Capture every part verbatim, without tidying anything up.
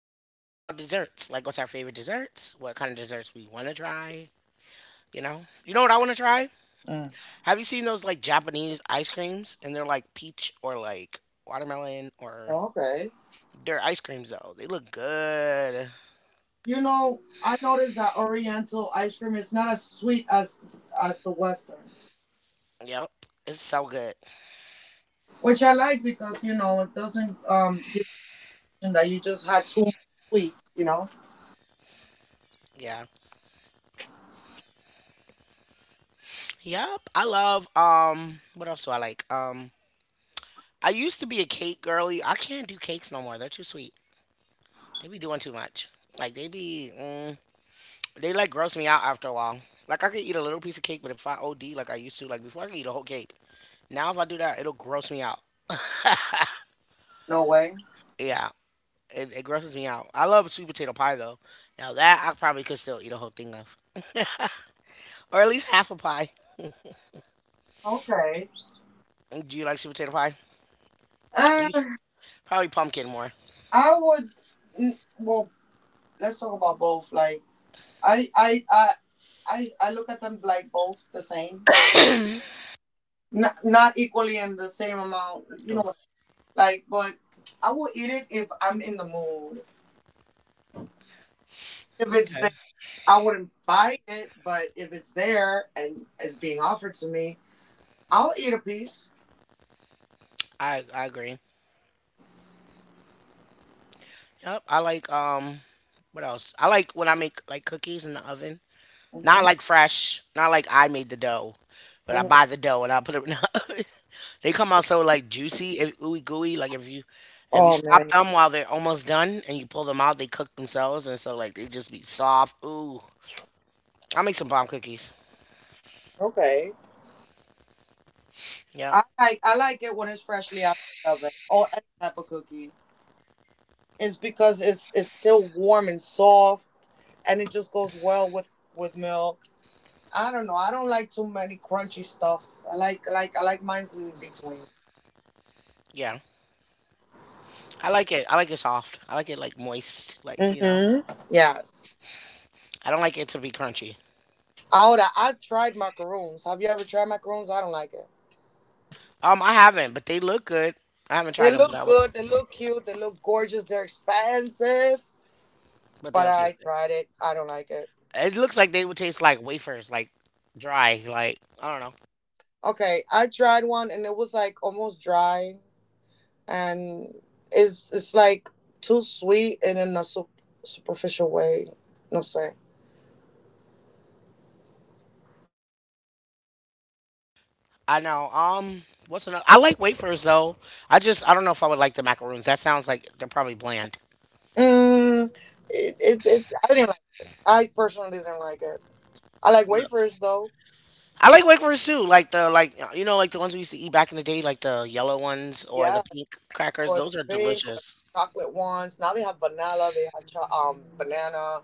we are going to talk about desserts like what's our favorite desserts, what kind of desserts we want to try. You know, you know what I want to try? Mm, Have you seen those like Japanese ice creams? And they're like peach or like watermelon or okay. they're ice creams though. They look good. You know, I noticed that Oriental ice cream is not as sweet as as the Western, Yep. It's so good. which I like because you know it doesn't um give you that you just had too much sweets. You know, Yeah. Yep. I love um what else do I like? Um I used to be a cake girly. I can't do cakes no more. They're too sweet. They be doing too much. Like they be, mm, they like gross me out after a while. Like I could eat a little piece of cake, but if I O D like I used to, like before I could eat a whole cake. Now if I do that, it'll gross me out. no way. Yeah, it, it grosses me out. I love sweet potato pie though. Now that I probably could still eat a whole thing of, or at least half a pie. Okay. Do you like sweet potato pie? You Uh, s- Probably pumpkin more. I would. mm, Well, let's talk about both. Like, I I I I I look at them like both the same, not not equally in the same amount. You know, Ooh, what like, but I will eat it if I'm in the mood if it's okay. I wouldn't buy it, but if it's there and is being offered to me, I'll eat a piece. I I agree. Yep. I like um. What else? I like when I make like cookies in the oven. Not Hmm. like fresh. Not like I made the dough, but I Hmm. buy the dough and I put it. They come out so like juicy and ooey gooey. Like if you if you Oh stop man. them while they're almost done and you pull them out, they cook themselves and so like they just be soft. Ooh, I make some bomb cookies. Okay. Yep. I like I like it when it's freshly out of the oven or any type of cookie. It's because it's it's still warm and soft, and it just goes well with with milk. I don't know. I don't like too many crunchy stuff. I like like I like mine's in between. Yeah. I like it. I like it soft. I like it like moist. Like you know. Mm-hmm. Yes. I don't like it to be crunchy. Ahora, I've tried macaroons. Have you ever tried macaroons? I don't like it. Um, I haven't, but they look good. I haven't They tried them, but look I would. good. They look cute. They look gorgeous. They're expensive, But they but don't I taste good. tried it. I don't like it. It looks like they would taste like wafers, like dry. Like I don't know. Okay, I tried one and it was like almost dry, and it's it's like too sweet and in a sup- superficial way. No say. I know. Um, what's another? I like wafers though. I just I don't know if I would like the macaroons. That sounds like they're probably bland. Mm, it, it, it I didn't like. I personally didn't like it. I like wafers though. I like wafers too. Like the like uh, you know like the ones we used to eat back in the day, like the yellow ones or Yeah, the pink crackers. or the Those are pink or the delicious. chocolate ones. Now they have vanilla. They have cho- um banana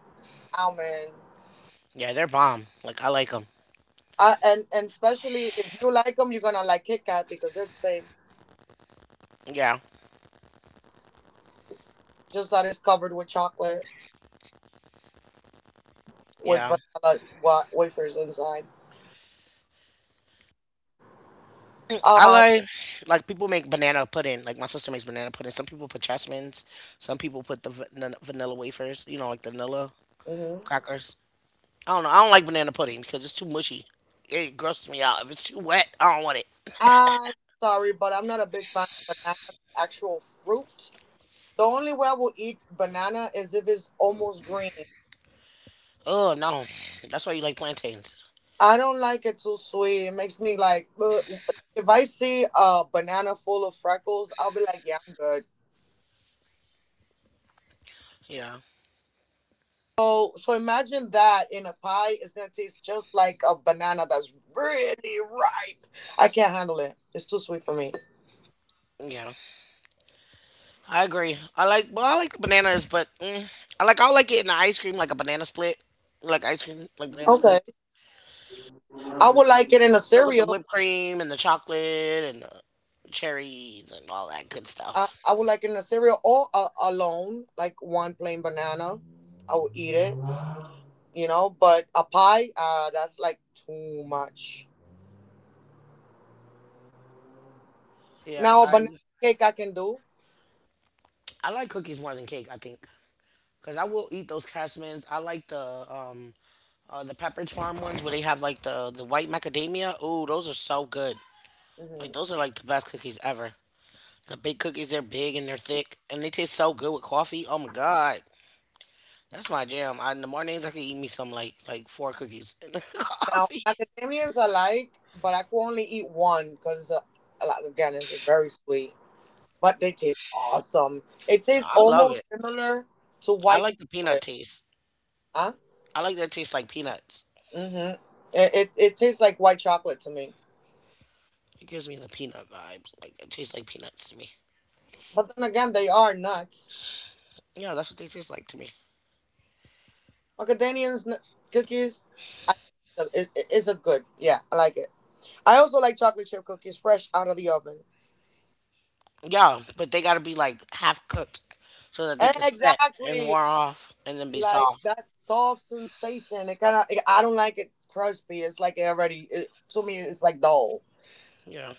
almond. Yeah, they're bomb. Like I like them. I, and and especially if you like them, you're gonna like Kit Kat because they're the same. Yeah, Just that it's covered with chocolate with yeah. vanilla wa- wafers inside. I Um, like like people make banana pudding. Like my sister makes banana pudding. Some people put chessmans. Some people put the va- n- vanilla wafers. You know, like the vanilla mhm. crackers. I don't know. I don't like banana pudding because it's too mushy. It grosses me out. If it's too wet, I don't want it. And sorry, but I'm not a big fan of banana, the actual fruit. The only way I will eat banana is if it's almost green. Oh no, that's why you like plantains. I don't like it too sweet. It makes me like, ugh, like, if I see a banana full of freckles, I'll be like, yeah, I'm good. Yeah, So, so imagine that in a pie, it's gonna taste just like a banana that's really ripe. I can't handle it. It's too sweet for me. yeah. I agree. I like well, I like bananas, but mm, I like I like it in the ice cream, like a banana split, like ice cream, like banana split, Okay, I would like it in a like with the cereal. whipped cream and the chocolate and the cherries and all that good I, stuff. I would like it in a cereal or a, alone, like one plain banana. I would eat it, you know. But a pie, uh, that's like too much. Yeah, Now a I banana cake I can do. I like cookies more than cake. I think because I will eat those Cashmans. I like the um Uh, the Pepperidge Farm ones where they have like the the white macadamia. Ooh, those are so good. Like Hmm. those are like the best cookies ever. The big cookies, they're big and they're thick, and they taste so good with coffee. Oh my god, that's my jam. I, in the mornings, I could eat me some like like four cookies and Now coffee. macadamias I like, but I could only eat one because uh, like, again, it's very sweet, but they taste awesome. It tastes I love almost it. similar to I white like the peanut chocolate. taste. Huh? I like that taste like peanuts. Mm-hmm. It, it, it tastes like white chocolate to me. It gives me the peanut vibes. Like it tastes like peanuts to me. But then again, they are nuts. Yeah, that's what they taste like to me. Macadamia's n- cookies I, is, is a good. Yeah, I like it. I also like chocolate chip cookies fresh out of the oven. Yeah, but they gotta be like half cooked so that they can set and Exactly. warm off and then be Like soft. that soft sensation. It kind of, I don't like it crispy. It's like it already, it, to me, it's like dull, Yeah.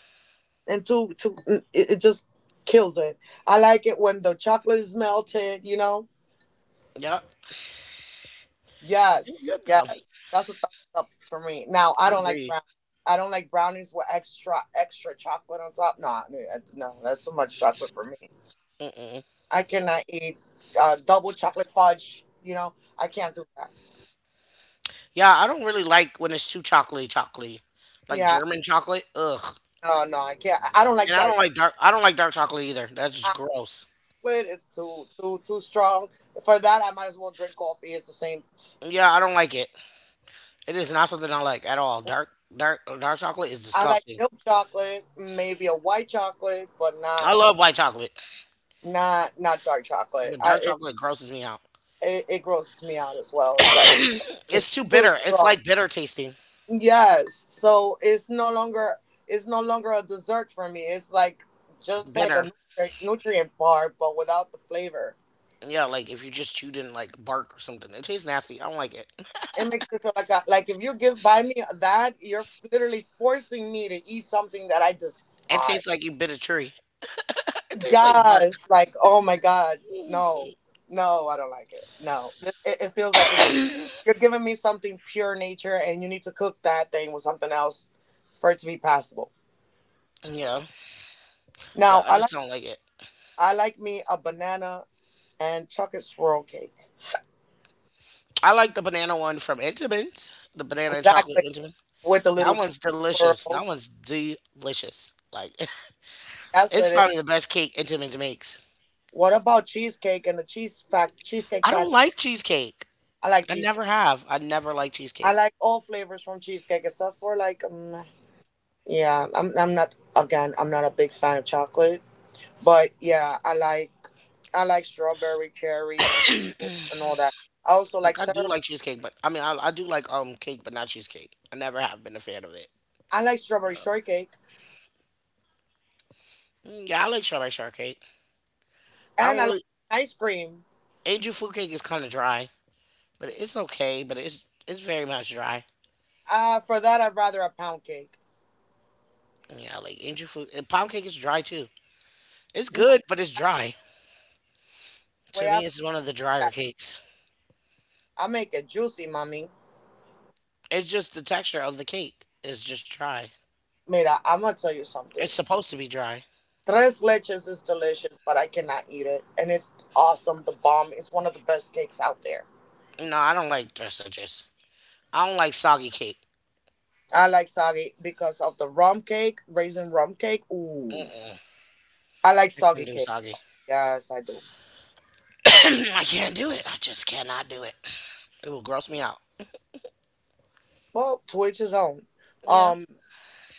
and to to mm, it, it just kills it. I like it when the chocolate is melted. You know. Yeah, you Yes, good though. yes, that's a thumbs up for me. Now I I don't like agree. brown. I don't like brownies with extra extra chocolate on top. No, I- no, that's too much chocolate for me. Mm-mm. I cannot eat uh, double chocolate fudge. You know, I can't do that. Yeah, I don't really like when it's too chocolatey, chocolatey, like Yeah, German chocolate. Ugh. no, no, I can't. I don't like And I don't dark like dark. I don't like dark chocolate either. That's just gross. chocolate. It's too too too strong. For that, I might as well drink coffee. It's the same. Yeah, I don't like it. It is not something I like at all. Dark, dark, dark chocolate is I like disgusting. milk chocolate, maybe a white chocolate, but I not love white chocolate, not not dark chocolate. but I dark it chocolate grosses me out. it, it grosses me out as well. It's like It's it's too too bitter. It's strong. like bitter tasting. Yes, so it's no longer it's no longer a dessert for me. It's like just like a Bitter. nutri- nutrient bar, but without the flavor. Yeah, like if you just chewed in like bark or something. It tastes nasty. I don't like it. It makes me feel like I, like if you give by me that, you're literally forcing me to eat something that I It despise. tastes like you bit a tree. It tastes like bark. Yes, like oh my god, no, no, I don't like it. No, it, it feels like it's you're giving me something pure nature, and you need to cook that thing with something else for it to be passable. Yeah. Yeah, Now, I I just like don't like it. I like me a banana and chocolate swirl cake. I like the banana one from Intamin, the banana and chocolate Exactly Intamin. with the little That chocolate one's delicious. That swirl. one's delicious. Like, Yes, it's it is. probably the best cake Intamin makes. What about cheesecake and the cheese fac cheesecake I don't factory? like cheesecake. I like I cheesecake. never have. I never like I cheesecake. like all flavors from cheesecake except for like um yeah. I'm I'm not again. I'm not a big fan of chocolate. But yeah, I like I like strawberry cherry and all that. I also Like, like I do ter- like cheesecake, but I mean, I, I do like um cake, but not cheesecake. I never have been a fan of it. I like strawberry Um, shortcake Mm, yeah, I like strawberry shortcake. I and don't I like really. ice cream. Angel food cake is kind of dry, but it's okay. But it's it's very much dry. Uh, for that I'd rather a pound cake. Yeah, like angel food and pound cake is dry too. It's Not good, but it's dry. the To way I me, make it's one of the drier that. cakes. I make it juicy, mommy. It's just the texture of the cake is just dry. Mira, I'm gonna tell you something. It's supposed to be dry. Tres leches is delicious, but I cannot eat it. And it's awesome. The bomb is one of the best cakes out there. No, I don't like dress edges. I don't like soggy cake. I like soggy because of the rum cake, raisin rum cake. Ooh. Mm-mm, I like I can't soggy do cake. soggy. Yes, I do. I can't do it. I just cannot do it. It will gross me out. Well, to each his own. Yeah. Um,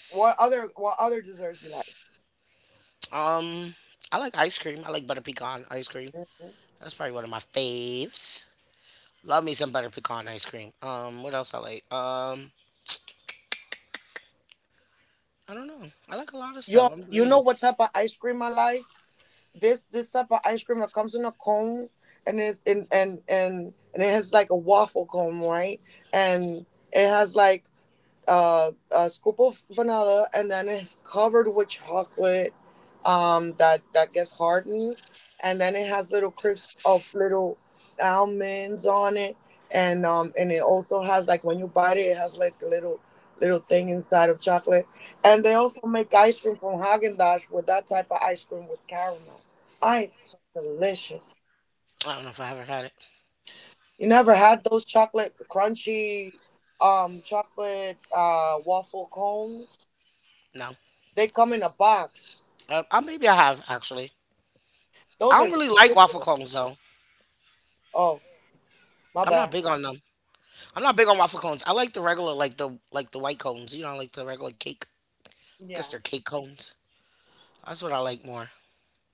what other what other desserts you like? Um, I like ice cream. I like butter pecan ice cream. Mhm. That's probably one of my faves. Love me some butter pecan ice cream. Um, what else I like? Um, I don't know. I like a lot of stuff. Yo, I'm you know greedy. what type of ice cream I like? This this type of ice cream that comes in a cone, and it's and and and and it has like a waffle cone, right? And it has like uh, a scoop of vanilla, and then it's covered with chocolate, um, that that gets hardened, and then it has little crisps of little almonds on it, and um and it also has like when you bite it it has like a little little thing inside of chocolate, and they also make ice cream from Haagen Dazs with that type of ice cream with caramel. Ah, it's so delicious. I don't know if I ever had it. You never had those chocolate crunchy um chocolate uh waffle cones? No. They come in a box. Uh, I, maybe I have actually. Those I are don't really like waffle delicious. cones though. Oh, my I'm not bad. big on them. I'm not big on waffle cones. I like the regular, like the like the white cones. You know, I like the regular cake. I guess Yeah. they're cake cones. That's what I like more.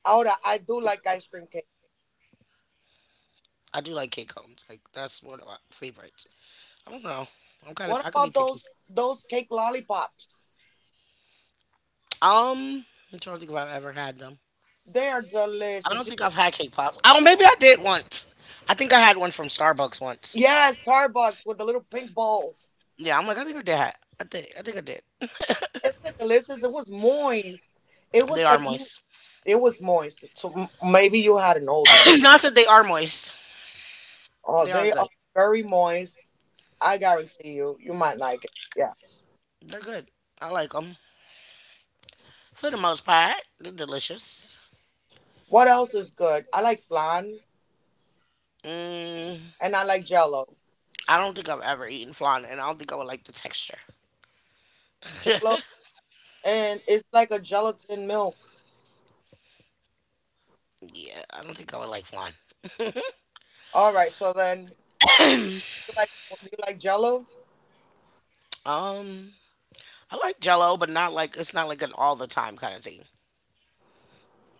I would, I do like ice cream cake. I do like cake cones. Like that's one of my favorites. I don't know. I'm kind of What I could be about picky. those those cake lollipops? Um, I'm trying to think if I've ever had them. They are I don't delicious. You- think I've had cake pops. Oh, maybe I did once. I think I had one from Starbucks once. Yes, Starbucks with the little pink balls. Yeah, I'm like I think I did. ha- I think I think I did. Isn't it delicious? It was moist. It They was are like you- moist. it was moist. So m- maybe you had an old one. Not that they are moist. Oh, They are they good. are very moist. I guarantee you, you might like it. Yes. They're good. I like them for the most part. They're delicious. What else is good? I like flan Mm, and I like jello. I don't think I've ever eaten flan, and I don't think I would like the texture. Jello and it's like a gelatin milk. Yeah, I don't think I would like flan. All right, so then do you like do you like Jello? Um, I like Jello, but not like it's not like an all the time kind of thing.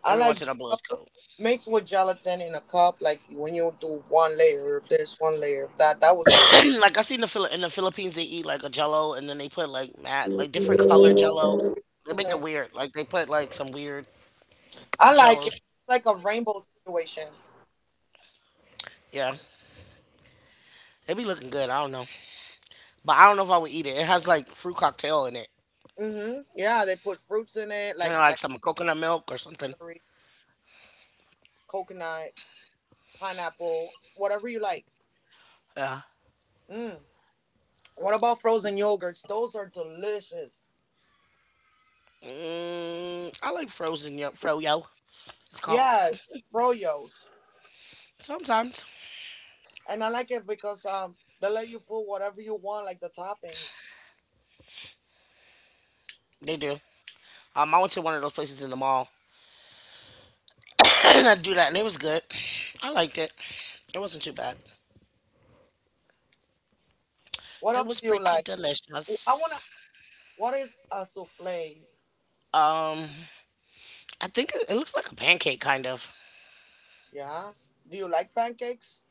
I Every like once in a blue Jello is cool. mixed with gelatin in a cup. Like when you do one layer, if there's one layer of that, that would taste. Like I seen the Phil- in the Philippines, they eat like a Jello, and then they put like mat like different color Jellos. They make it Hmm. weird. Like they put like some weird I like it. Jellos. It's like a rainbow situation. Yeah, they be looking good. I don't know, but I don't know if I would eat it. It has like fruit cocktail in it, Hmm. Yeah, they put fruits in it, and like like like some coconut milk or something. berry, coconut, pineapple, whatever you like. Uh, Mm. What about frozen yogurts? Those are delicious. mm, I like frozen yo- froyo. It's called. Yes, froyos. Sometimes And I like it because um they let you put whatever you want, like the toppings. they do. Um, I went to one of those places in the mall that do that, and it was good. I liked it. It wasn't too bad. What It else was do you pretty like? I wanna. delicious. What is a souffle? Um, I think it, it looks like a pancake, kind of. Yeah. Do you like pancakes?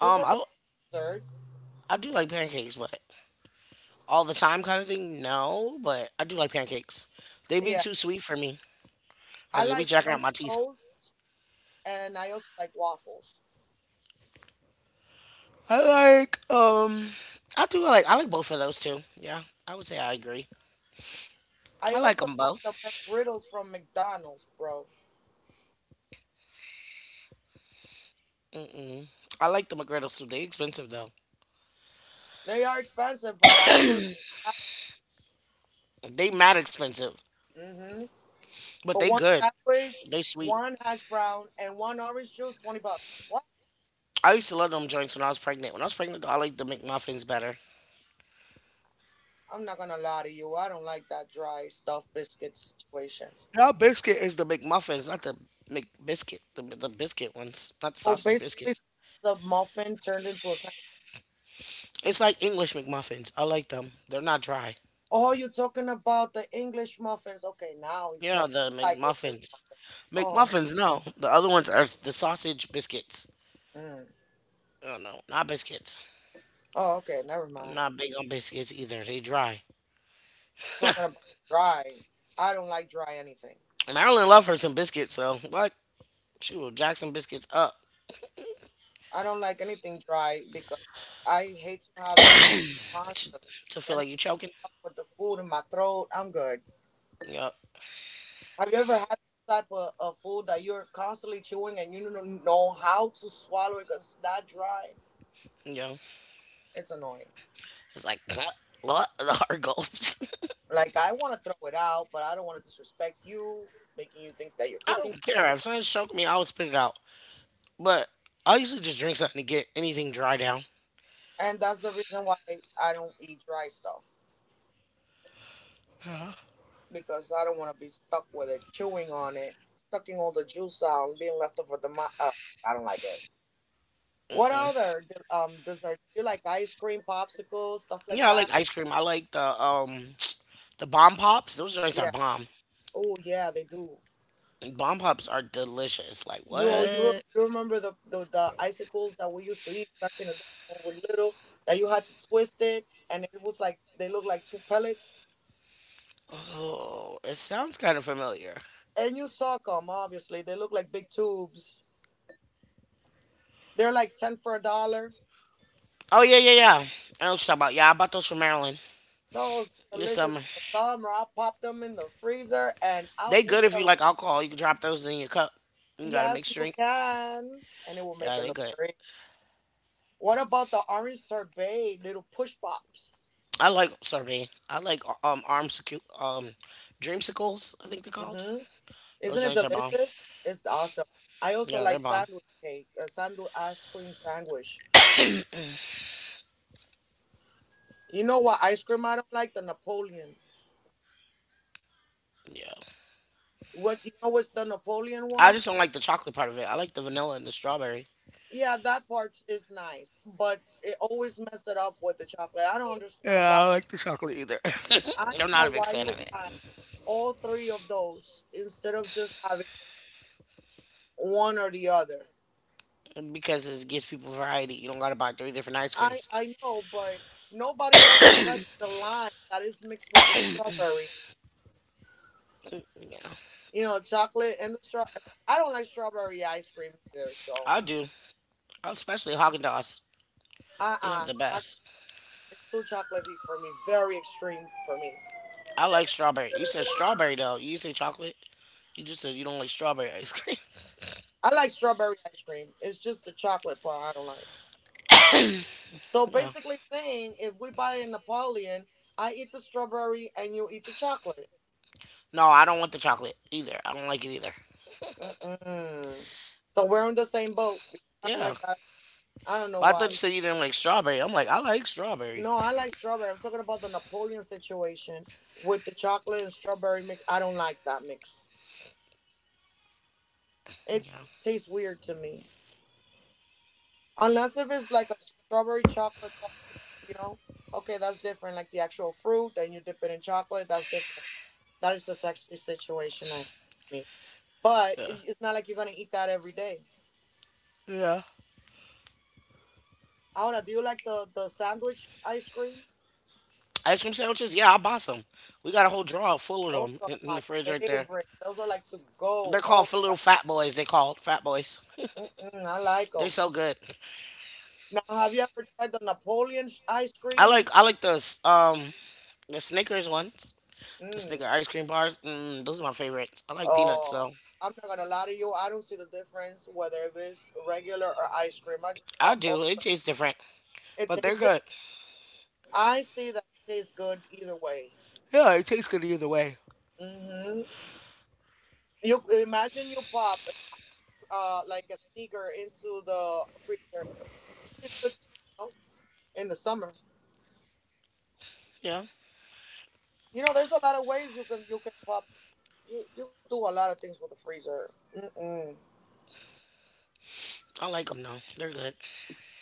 Those are good I dessert. I do like pancakes, but all the time kind of thing, no. But I do like pancakes. They be Yeah. too sweet for me. I Like they be like jacking up French my teeth. toast, and I also like waffles. I like um. I do like I like both of those too. Yeah, I would say I agree. I I like also them like both. the McGriddles from McDonald's, bro. Mm-mm. I like the McGriddles too. They expensive though. They are expensive, but I would like They mad expensive, that. Mm-hmm. but For they one good. sandwich, They sweet. one hash brown, and one orange juice, twenty bucks. What? I used to love them joints when I was pregnant. When I was pregnant, though, I like the McMuffins better. I'm not gonna lie to you. I don't like that dry stuffed biscuit situation. Now biscuit is the McMuffins, not the McBiscuit. The the biscuit ones, not the So sausage basically, biscuits. it's a muffin turned into a sandwich. It's like English McMuffins. I like them. They're not dry. Oh, you're talking about the English muffins? Okay, now you're Yeah, talking the I like English McMuffins. muffins. Oh, McMuffins, no. The other ones are the sausage biscuits. mm. Oh no, not biscuits. oh, okay, never I'm mind. not big on biscuits either. They dry. Talking about dry. I don't like dry anything. Marilyn love her some biscuits, so what? Shoot, jack some biscuits up I don't like anything dry because I hate to have a to, constant. to feel Then I'm like you're choking. up with the food in my throat. I'm good. Yup, Have you ever had type of, of food that you're constantly chewing and you don't know how to swallow it because it's that dry? yeah. It's annoying. It's like what the hard gulps. Like I want to throw it out, but I don't want to disrespect you, making you think that you're I cooking don't stuff. care if something's choking me, I will spit it out. But I usually just drink something to get anything dry down. And that's the reason why I don't eat dry stuff because I don't want to be stuck with it, chewing on it, sucking all the juice out, and being left over the mouth. Uh, I don't like it. What Mm-mm. other de- um desserts? You like ice cream, popsicles, stuff like Yeah, I that? like ice cream. I like the um the bomb pops. Those drinks are Yeah. bomb. Oh yeah, they do. Bomb pops are delicious. Like Yo, you re- what? you remember the, the the icicles that we used to eat back in the day when we were little? That you had to twist it, and it was like they look like two pellets. Oh, it sounds kind of familiar. And you saw them, obviously. They look like big tubes. They're like ten for a dollar. Oh yeah, yeah, yeah, I know what you're talking about. Yeah, I bought those from Maryland Those are this delicious summer. in the summer. I pop them in the freezer, and They out we good if you like go. alcohol. You can drop those in your cup. You got a Yes, mixed you drink. can, and it will make Yeah, it they look good. great. What about the orange sorbet little push pops? I like sorbet. I like um arms um dreamsicles, I think they're called. Mm-hmm. Those Isn't it drinks are bomb. delicious? It's awesome. I also Yeah, like they're bomb. sandwich cake, a sandwich ice cream sandwich. You know what ice cream I don't like? The Napoleon. Yeah. What You know what's the Napoleon I one? just don't like the chocolate part of it. I like the vanilla and the strawberry. Yeah, that part is nice, but it always mess it up with the chocolate. I don't understand Yeah, why. I don't like the chocolate either. I I'm don't not know a big why fan of you it have all three of those instead of just having one or the other. because it gives people variety. You don't gotta buy three different ice I creams. I know, but nobody wants to touch the line that is mixed with the strawberry. Yeah, You know, chocolate and the straw. I don't like strawberry ice cream either. So, I do. Especially Haagen Dazs. uh, They have uh the I, best. it's too chocolatey for me. Very extreme for me. I like strawberry. You said strawberry though. You say chocolate. You just said you don't like strawberry ice cream. I like strawberry ice cream. It's just the chocolate part I don't like. So no. basically, saying if we buy a Napoleon, I eat the strawberry and you eat the chocolate. No, I don't want the chocolate either. I don't like it either. Mm-mm. So we're in the same boat. I don't Yeah. like that. I don't know But I thought you why. said you didn't like strawberry. I'm like, I like strawberry. No, I like strawberry. I'm talking about the Napoleon situation with the chocolate and strawberry mix. I don't like that mix. It Yeah. tastes weird to me. Unless if it's like a strawberry chocolate, co- you know, okay, that's different. Like the actual fruit, then you dip it in chocolate, that's different. That is a sexy situation actually for me. But Yeah. it- it's not like you're gonna eat that every day. Yeah. Ahora, do you like the the sandwich ice cream? Ice cream sandwiches? Yeah, I'll buy some. We got a whole drawer full of Those them are in, in the my fridge right there. favorite. Those are like to go. They're Oh, called little fat boys. They called fat boys. mm-mm, I like They're them. so good. Now, have you ever tried the Napoleon sh- ice I like cream? I like those um the Snickers ones. The Snicker Mm. ice cream bars. Mm, those are my favorites. I like peanuts, Oh, so I'm not gonna lie to you. I don't see the difference whether if it's regular or ice cream. I just I pop both. do. It tastes different, It but they're tastes. di- good. I see that it tastes good either way. Yeah, it tastes good either way. Hmm. You imagine you pop uh like a sneaker into the freezer. It tastes good too, you know, in the summer. Yeah. You know, there's a lot of ways you can you can pop. You you could do a lot of things with the freezer. Mm-mm. I like them though. They're good.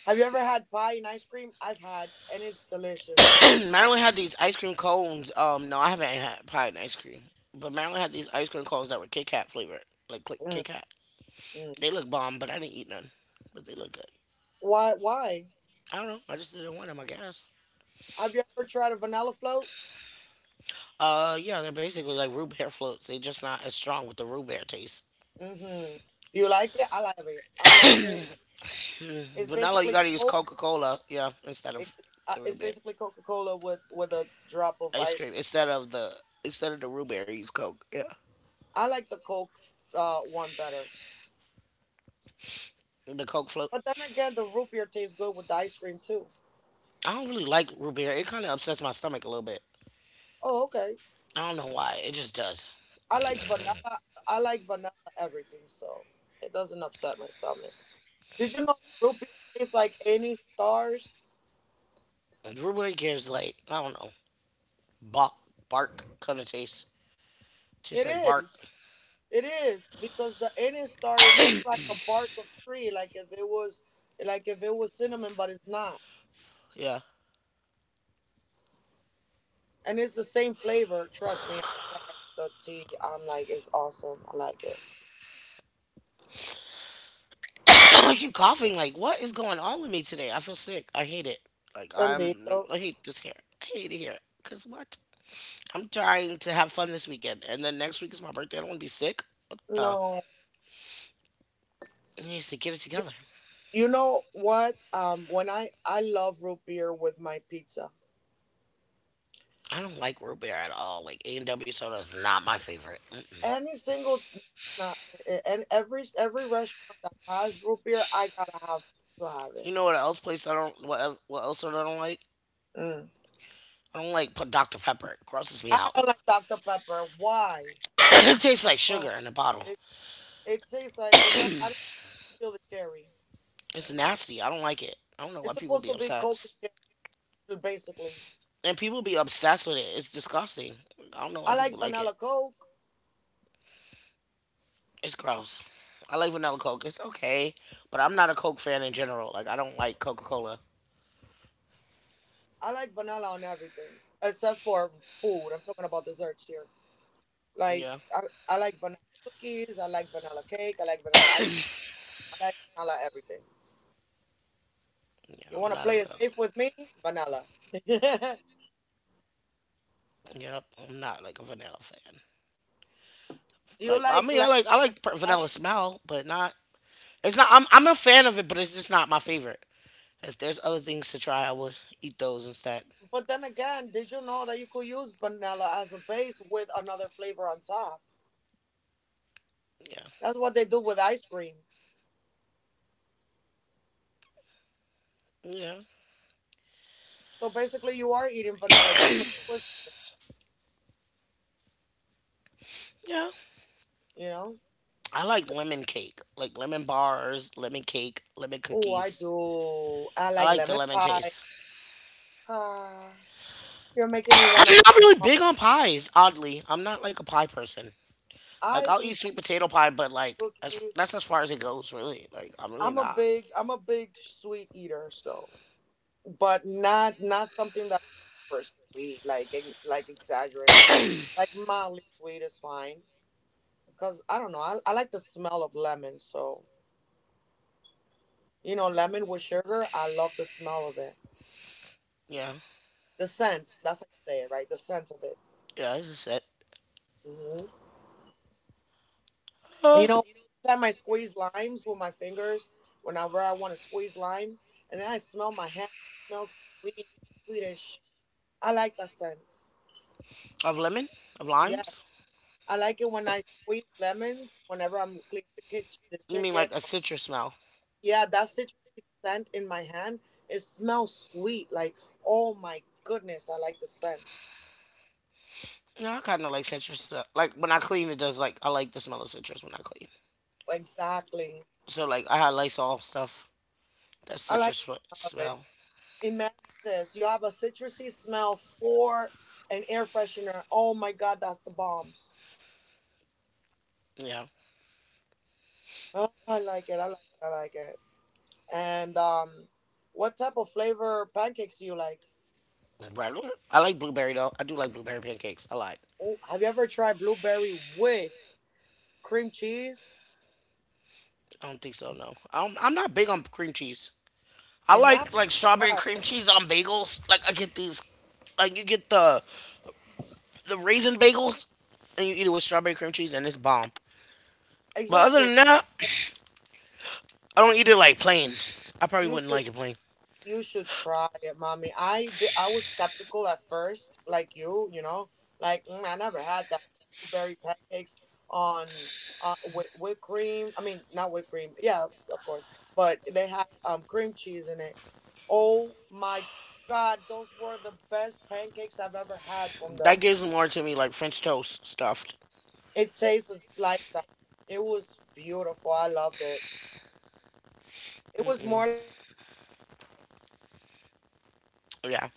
Have you ever had pie and ice cream? I've had, and it's delicious. Maryland had these ice cream cones. Um, no, I haven't had pie and ice cream, but Maryland had these ice cream cones that were Kit Kat flavored, like Kit Mm-mm. Kit Kat. They look bomb, but I didn't eat none. But they look good. Why? Why? I don't know. I just didn't want them, I guess. Have you ever tried a vanilla float? Uh, yeah, they're basically like root beer floats. They're just not as strong with the root beer taste. Mm-hmm. Do you like it? I love it. I love it. It's Vanilla, you basically gotta use Coke. Coca Cola, yeah, instead It, of uh, the it's root beer basically Coca Cola with with a drop of ice ice. cream. Instead of the instead of the root beer, use Coke. Yeah, I like the Coke uh, one better. the Coke float. But then again, the root beer tastes good with the ice cream too. I don't really like root beer. It kind of upsets my stomach a little bit. Oh, okay. I don't know why. It just does. I like vanilla. I like vanilla everything, so it doesn't upset my stomach. Did you know that root beer tastes like any stars? Like, everybody gives like I don't know bark bark kind of taste. Tastes It like bark. is. It is because the Indian star it looks like a bark of tree, like if it was like if it was cinnamon, but it's not. Yeah. And it's the same flavor, trust me. The tea, I'm like, it's awesome. I like it. I keep coughing. Like what is going on with me today? I feel sick. I hate it. Like Bendito. I'm. I hate this hair. I hate it here. Cause what? I'm trying to have fun this weekend, and then next week is my birthday. I don't want to be sick. What the? No. I need to get it You, together. you know what? Um when I I love root beer with my pizza. I don't like root beer at all. Like A and W soda is not my favorite. Mm-mm. Any single not and every every restaurant that has root beer, I gotta have to have it. You know what else place I don't? What, what else soda I don't like? Mm. I don't like put Dr Pepper. It grosses me I out. don't like doctor Pepper. Why? It tastes like Oh, sugar in a bottle. it tastes like it does. I don't feel the cherry. It's nasty. I don't like it. I don't know It's why people supposed be to be Coke obsessed. and cherry, basically. And people be obsessed with it. It's disgusting. I don't know I why like people like vanilla it. Coke. It's gross. I like vanilla Coke. It's okay, but I'm not a Coke fan in general. Like I don't like Coca Cola. I like vanilla on everything except for food. I'm talking about desserts here. Like Yeah, I, I like vanilla cookies. I like vanilla cake. I like vanilla ice cream. I like vanilla everything. yeah, You want I'm to not a play it vanilla. safe with me? Vanilla. Do Yep, I'm not like a vanilla fan. you Like I like mean, I lemon like I like per- vanilla ice? smell, but not. It's not. I'm I'm a fan of it, but it's just not my favorite. If there's other things to try, I will eat those instead. But then again, did you know that you could use vanilla as a base with another flavor on top? Yeah, That's what they do with ice cream. yeah, So basically, you are eating vanilla just with a twist, yeah. you know? I like lemon cake, like lemon bars, lemon cake, lemon Oh, I cookies. do. I I like like the lemon lemon pie. taste. Ah, you're making me want to I'm not really buy pie. big on pies, oddly. I'm not like a pie person. Like I I'll eat eat pie, sweet potato pie, but like as, cookies. that's as far as it goes, really. Like I'm really I'm a not. big, I'm a big sweet eater. So, but not not something that's super sweet, like ex- like exaggerated, like mildly sweet is fine. Cause I don't know, I I like the smell of lemon. So you know, lemon with sugar, I love the smell of it. Yeah, The scent. That's how you say it, right? The scent of it. yeah, that's just it. Hmm. Uh, You know, every time I squeeze limes with my fingers, whenever I want to squeeze limes, and then I smell my hand, it smells sweet, sweetish. I like that scent. of lemon, of Yeah, limes. I like it when I squeeze lemons, whenever I'm cleaning the kitchen, the You mean chicken. like a Or, citrus smell? yeah, that citrusy scent in my hand, it smells sweet. Like, oh my goodness, I like the scent. No, I kind of like citrus. Uh, like when I clean, it does like I like the smell of citrus when I clean. Exactly. So like I had Lysol stuff. That I like citrus the fo- smell of it. smell. Imagine this. You have a citrusy smell for an air freshener. Oh my god, that's the bombs. Yeah. Oh, I like it. I like it. I like it. And um what type of flavor pancakes do you like? Right. I like blueberry though. I do like blueberry pancakes. I lied. Oh, have you ever tried blueberry with cream cheese? I don't think so. No. I'm I'm not big on cream cheese. I You're not like like strawberry right. cream cheese on bagels. Like I get these, like you get the the raisin bagels, and you eat it with strawberry cream cheese, and it's bomb. But other Exactly. than that, I don't eat it like plain. I probably You wouldn't should like it plain. You should try it, mommy. I did, I was skeptical at first, like you, you know, like mm, I never had that blueberry pancakes on uh with whipped cream. I mean, not whipped cream. Yeah, of course, but they had um cream cheese in it. Oh my God, those were the best pancakes I've ever had from the. That gives more to me like French toast stuffed. It tasted like that. It was beautiful. I loved it. It was more Mm-hmm. Yeah.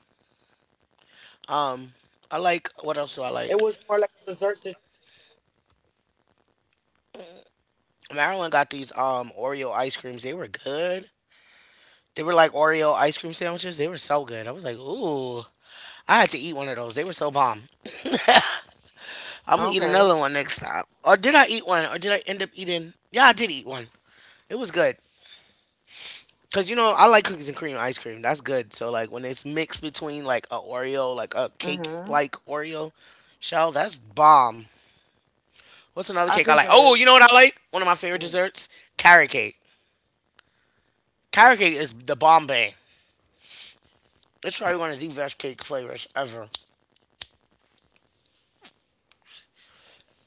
Um, I like. What else do I It like? was more like a dessert situation. Maryland got these um Oreo ice creams. They were good. They were like Oreo ice cream sandwiches. They were so good. I was like, ooh. I had to eat one of those. They were so bomb. I'm gonna eat Okay. another one next time. Or did I eat one? Or did I end up eating? Yeah, I did eat one. It was good. Cause you know I like cookies and cream ice cream. That's good. So like when it's mixed between like a Oreo, like a cake Mhm. like Oreo shell, that's bomb. What's another I cake I think it like? is. Oh, you know what I like? One of my favorite Mm. desserts, carrot cake. Carrot cake is the bomb bang. It's probably one of the best cake flavors ever.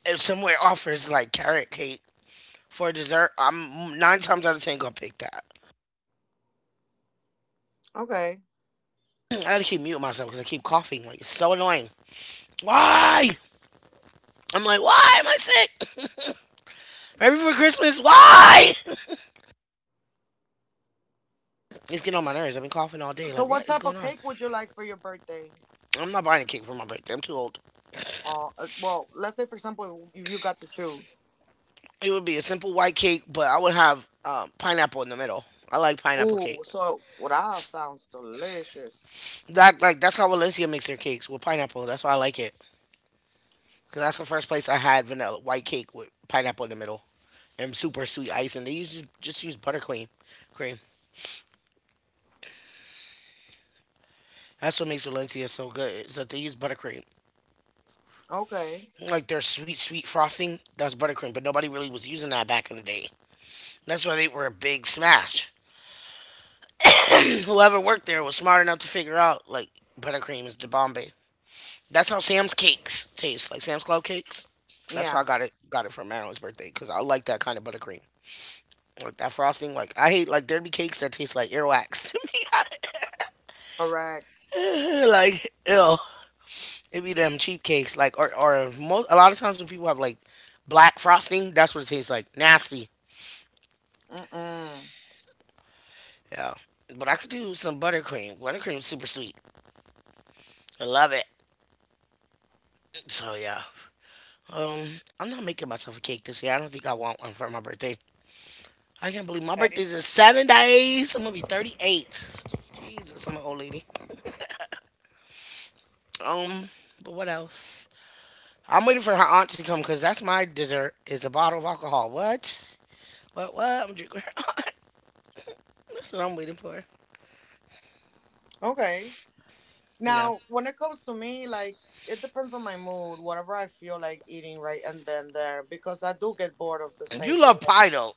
If somewhere offers like carrot cake for dessert, I'm nine times out of ten gonna pick that. Okay. I gotta keep muting myself because I keep coughing. Like it's so annoying. Why? I'm like, why am I sick? Right before Christmas, why? It's getting on my nerves. I've been coughing all day. So, Like, what what is type going of on? cake would you like for your birthday? I'm not buying a cake for my birthday. I'm too old. Uh, uh, well, let's say for example, if you got to choose. It would be a simple white cake, but I would have um, pineapple in the middle. I like pineapple cake. Ooh, so well, that sounds delicious. That like that's how Valencia makes their cakes with pineapple. That's why I like it. Cause that's the first place I had vanilla white cake with pineapple in the middle, and super sweet icing. They usually just use buttercream. Cream. That's what makes Valencia so good. Is that they use buttercream. Okay. Like their sweet, sweet frosting, that's buttercream. But nobody really was using that back in the day. That's why they were a big smash. Whoever worked there was smart enough to figure out like buttercream is the Bombay. That's how Sam's cakes taste. Like Sam's Club cakes. That's why Yeah. I got it. Got it for Marilyn's birthday because I like that kind of buttercream. Like that frosting. Like I hate like there'd be cakes that taste like earwax to Correct. me. Like ew. It be them cheap cakes, like or or most a lot of times when people have like black frosting, that's what it tastes like. Nasty. Mm-mm. Yeah. But I could do some buttercream. Buttercream's super sweet. I love it. So yeah. Um, I'm not making myself a cake this year. I don't think I want one for my birthday. I can't believe my Okay. birthday's in seven days. I'm gonna be thirty-eight. Jesus, I'm an old lady. Um, but what else? I'm waiting for her aunt to come because that's my dessert is a bottle of alcohol. What? What? What? I'm drinking her aunt. That's what I'm waiting for. Okay. Yeah. Now, when it comes to me, like it depends on my mood, whatever I feel like eating right and then there, because I do get bored of the And same you thing. love Like, pie though.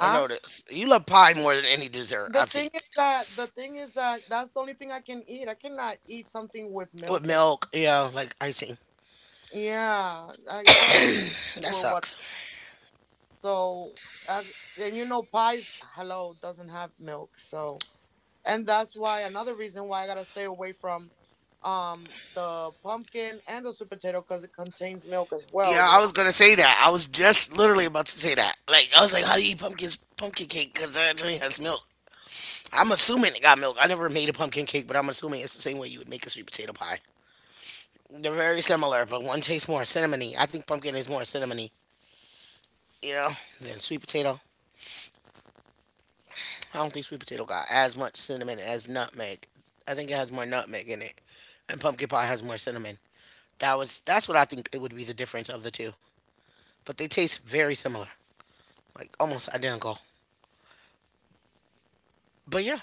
I noticed you love pie more than any dessert, The I thing is think. that the thing is that that's the only thing I can eat. I cannot eat something with With milk in. It. milk, yeah, like icing. Yeah, I, I gotta That or what. sucks. So, uh, and you know, pies, hello, doesn't have milk. So, and that's why another reason why I gotta stay away from um the pumpkin and the sweet potato because it contains milk as well. Yeah, You I was know, gonna say that. I was just literally about to say that. Like, I was like, how do you eat pumpkin pumpkin cake? Because it only has milk. I'm assuming it got milk. I never made a pumpkin cake, but I'm assuming it's the same way you would make a sweet potato pie. They're very similar, but one tastes more cinnamony. I think pumpkin is more cinnamony, you know, than sweet potato. I don't think sweet potato got as much cinnamon as nutmeg. I think it has more nutmeg in it, and pumpkin pie has more cinnamon. That was that's what I think it would be, the difference of the two. But they taste very similar, like almost identical. But yeah,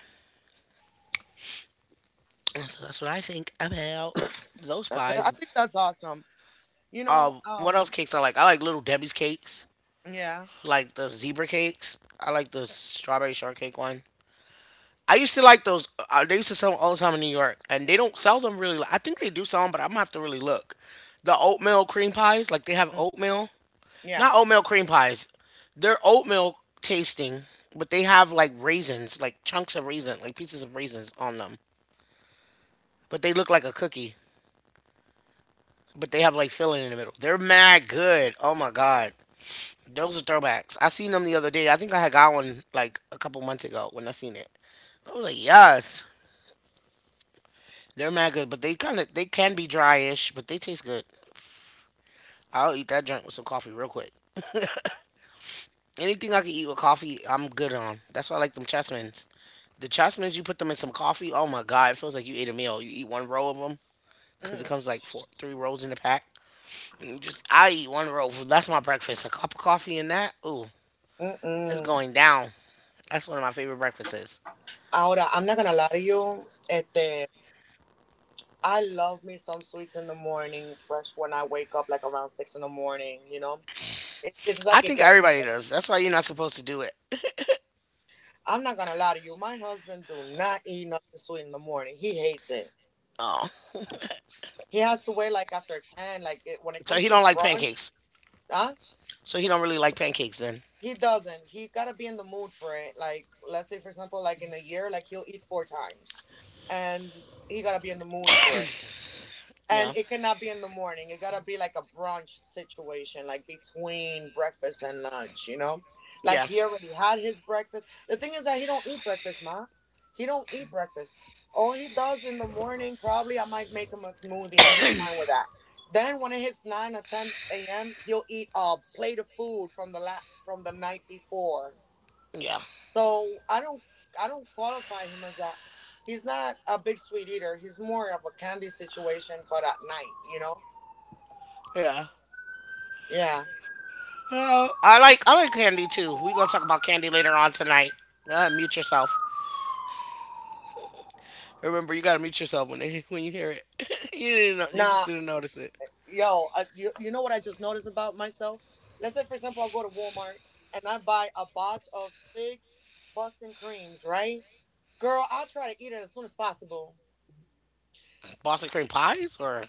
so that's what I think about those That- that- I pies. think that's awesome. You know, Um, what else um, cakes I like? I like Little Debbie's cakes, yeah, like the zebra cakes. I like the strawberry shortcake one. I used to like those. Uh, they used to sell them all the time in New York, and they don't sell them really. I think they do sell them, but I'm gonna have to really look. The oatmeal cream pies, like they have mhm, oatmeal, yeah. not oatmeal cream pies. They're oatmeal tasting, but they have like raisins, like chunks of raisin, like pieces of raisins on them. But they look like a cookie, but they have like filling in the middle. They're mad good. Oh my god, those are throwbacks. I seen them the other day. I think I had got one like a couple months ago when I seen it. I was like, yes. They're mad good, but they kind of they can be dryish, but they taste good. I'll eat that drink with some coffee real quick. Anything I can eat with coffee, I'm good on. That's why I like them chessmans. The chessmans, you put them in some coffee. Oh my god, it feels like you ate a meal. You eat one row of them because it Mm-hmm. comes like four, three rolls in a pack. And you just I eat one roll. That's my breakfast. A cup of coffee and that. Ooh, it's Mm-mm. going down. That's one of my favorite breakfasts. Ahora, I'm not gonna lie to you. Este, I love me some sweets in the morning, fresh when I wake up, like around six in the morning. You know, it, it's like I it think gets me everybody going. does. That's why you're not supposed to do it. I'm not gonna lie to you. My husband do not eat nothing sweet in the morning. He hates it. Oh, He has to wait like after ten. Like it, when it so comes he to don't like brunch, pancakes. huh? So he don't really like pancakes then. He doesn't. He gotta be in the mood for it. Like let's say for example, like in a year, like he'll eat four times, and he gotta be in the mood for it. And Yeah, it cannot be in the morning. It gotta be like a brunch situation, like between breakfast and lunch, you know? Like yeah. he already had his breakfast. The thing is that he don't eat breakfast, ma. He don't eat breakfast. All he does in the morning, probably I might make him a smoothie and he's fine with that. Then when it hits nine or ten a m, he'll eat a plate of food from the la- from the night before. Yeah, So I don't I don't qualify him as that. He's not a big sweet eater. He's more of a candy situation, but at night, you know. yeah. Yeah. Uh, I like I like candy too. We're gonna talk about candy later on tonight. Uh, mute yourself. Remember, you gotta mute yourself when they, when you hear it. You didn't know, you just Nah, didn't notice it. yo, uh, you you know what I just noticed about myself? Let's say for example I go to Walmart and I buy a box of six Boston creams, right? Girl, I'll try to eat it as soon as possible. Boston cream pies or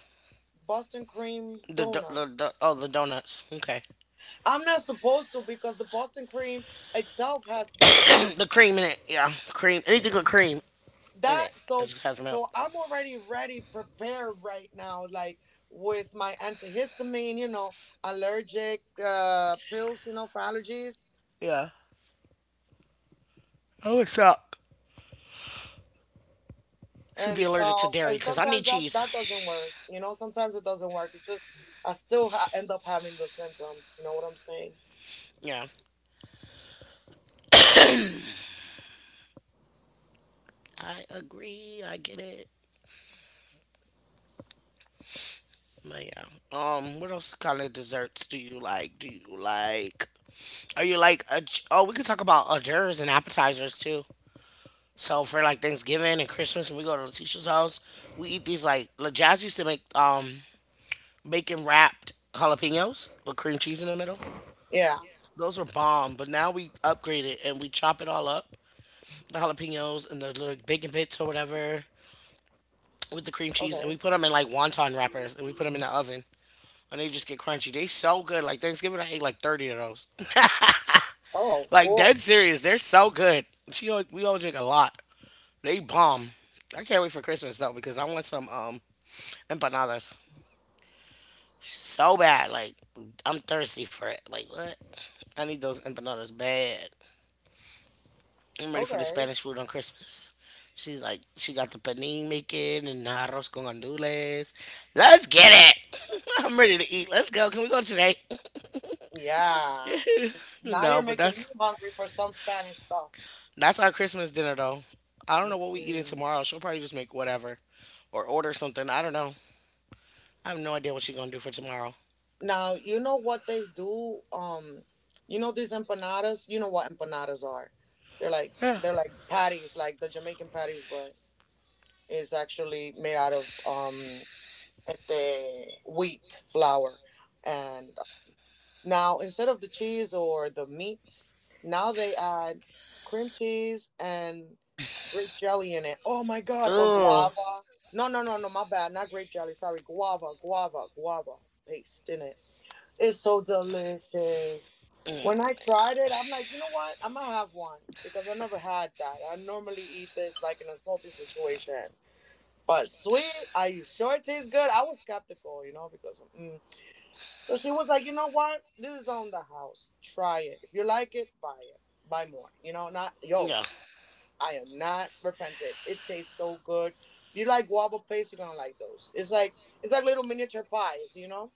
Boston cream the do- the, the donuts. oh the donuts. Okay, I'm not supposed to because the Boston cream itself has dairy. the cream in it. Yeah, cream. Anything with cream in That, it so is- has milk. so I'm already ready prepared right now, like with my antihistamine, you know allergic uh pills, you know for allergies. Yeah. Oh, it suck. Should be And allergic to so, dairy and because I sometimes need that cheese. that doesn't work, you know sometimes it doesn't work. It's just i still ha- end up having the symptoms, you know what I'm saying? Yeah. I agree. I get it. But yeah. Um, what else kind of desserts do you like? Do you like Are you like, a, oh, We could talk about hors d'oeuvres and appetizers too. So for like Thanksgiving and Christmas, when we go to Letitia's house, we eat these like La Jazz used to make um bacon wrapped jalapenos with cream cheese in the middle. Yeah. Those were bomb, but now we upgrade it and we chop it all up, the jalapenos and the little bacon bits or whatever with the cream cheese, and Okay. we put them in like wonton wrappers and we put them in the oven and they just get crunchy. They so good. Like Thanksgiving, I ate like thirty of those. Oh, Like cool. dead serious, they're so good. She always, we always make a lot. They bomb. I can't wait for Christmas though because I want some um empanadas so bad. Like I'm thirsty for it. Like what? I need those empanadas bad. I'm ready for the Okay. Spanish food on Christmas. She's like she got the panini making and the arroz con gandules. Let's get it. I'm ready to eat. Let's go. Can we go today? Yeah. Now you're No, but making me that's hungry for some Spanish stuff. that's our Christmas dinner though. I don't know what we eating Mm-mm. tomorrow. She'll probably just make whatever or order something. I don't know. I have no idea what she's gonna do for tomorrow. Now, you know what they do? Um, you know these empanadas? You know what empanadas are? They're like they're like patties, like the Jamaican patties were. It's actually made out of um the wheat flour. And now instead of the cheese or the meat, now they add cream cheese and grape jelly in it. Oh my God, or Ooh. guava. No, no, no, no, my bad. Not grape jelly, sorry. Guava, guava, guava paste in it. It's so delicious. Mm, When I tried it, I'm like, you know what? I'm gonna have one because I never had that. I normally eat this like in a salty situation. But sweet, are you sure it tastes good? I was skeptical, you know, because mm. So she was like, you know what? This is on the house. Try it. If you like it, buy it. Buy more. You know, not yo. yeah. I am not repented. It tastes so good. If you like guava plates, you're gonna like those. It's like it's like little miniature pies, you know.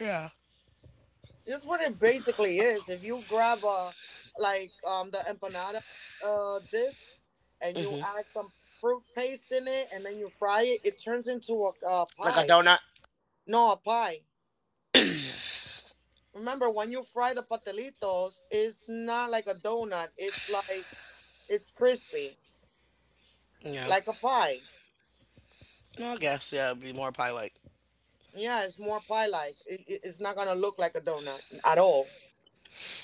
Yeah. This is what it basically is. If you grab a like um the empanada uh discs and you Hmm. add some fruit paste in it, and then you fry it, it turns into a, a Like a pie. donut. No, a pie. Remember when you fry the patelitos, it's not like a donut. It's like it's crispy, Yeah. like a pie. No, I guess. Yeah, it'd be more probably like. Yeah, it's more pie like. It, it- it's not gonna look like a donut at all.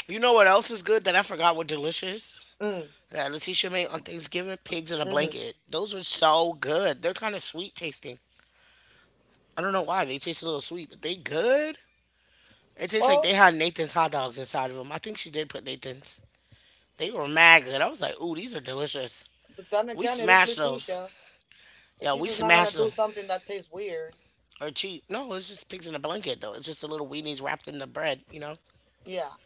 You know what else is good that I forgot were delicious? Mm. That Letitia made on Thanksgiving? Pigs in a hmm blanket. Those were so good. They're kind of sweet tasting. I don't know why. They taste a little sweet, but they good. It tastes like they Well, had Nathan's hot dogs inside of them. I think she did put Nathan's. They were mad good. I was like, ooh, these are delicious. but then We again, it is smashed those. Leticia. Yeah, we Leticia's not gonna smashed them. do something that tastes weird. Or cheap. No, it's just pigs in a blanket, though. It's just a little weenies wrapped in the bread, you know? Yeah.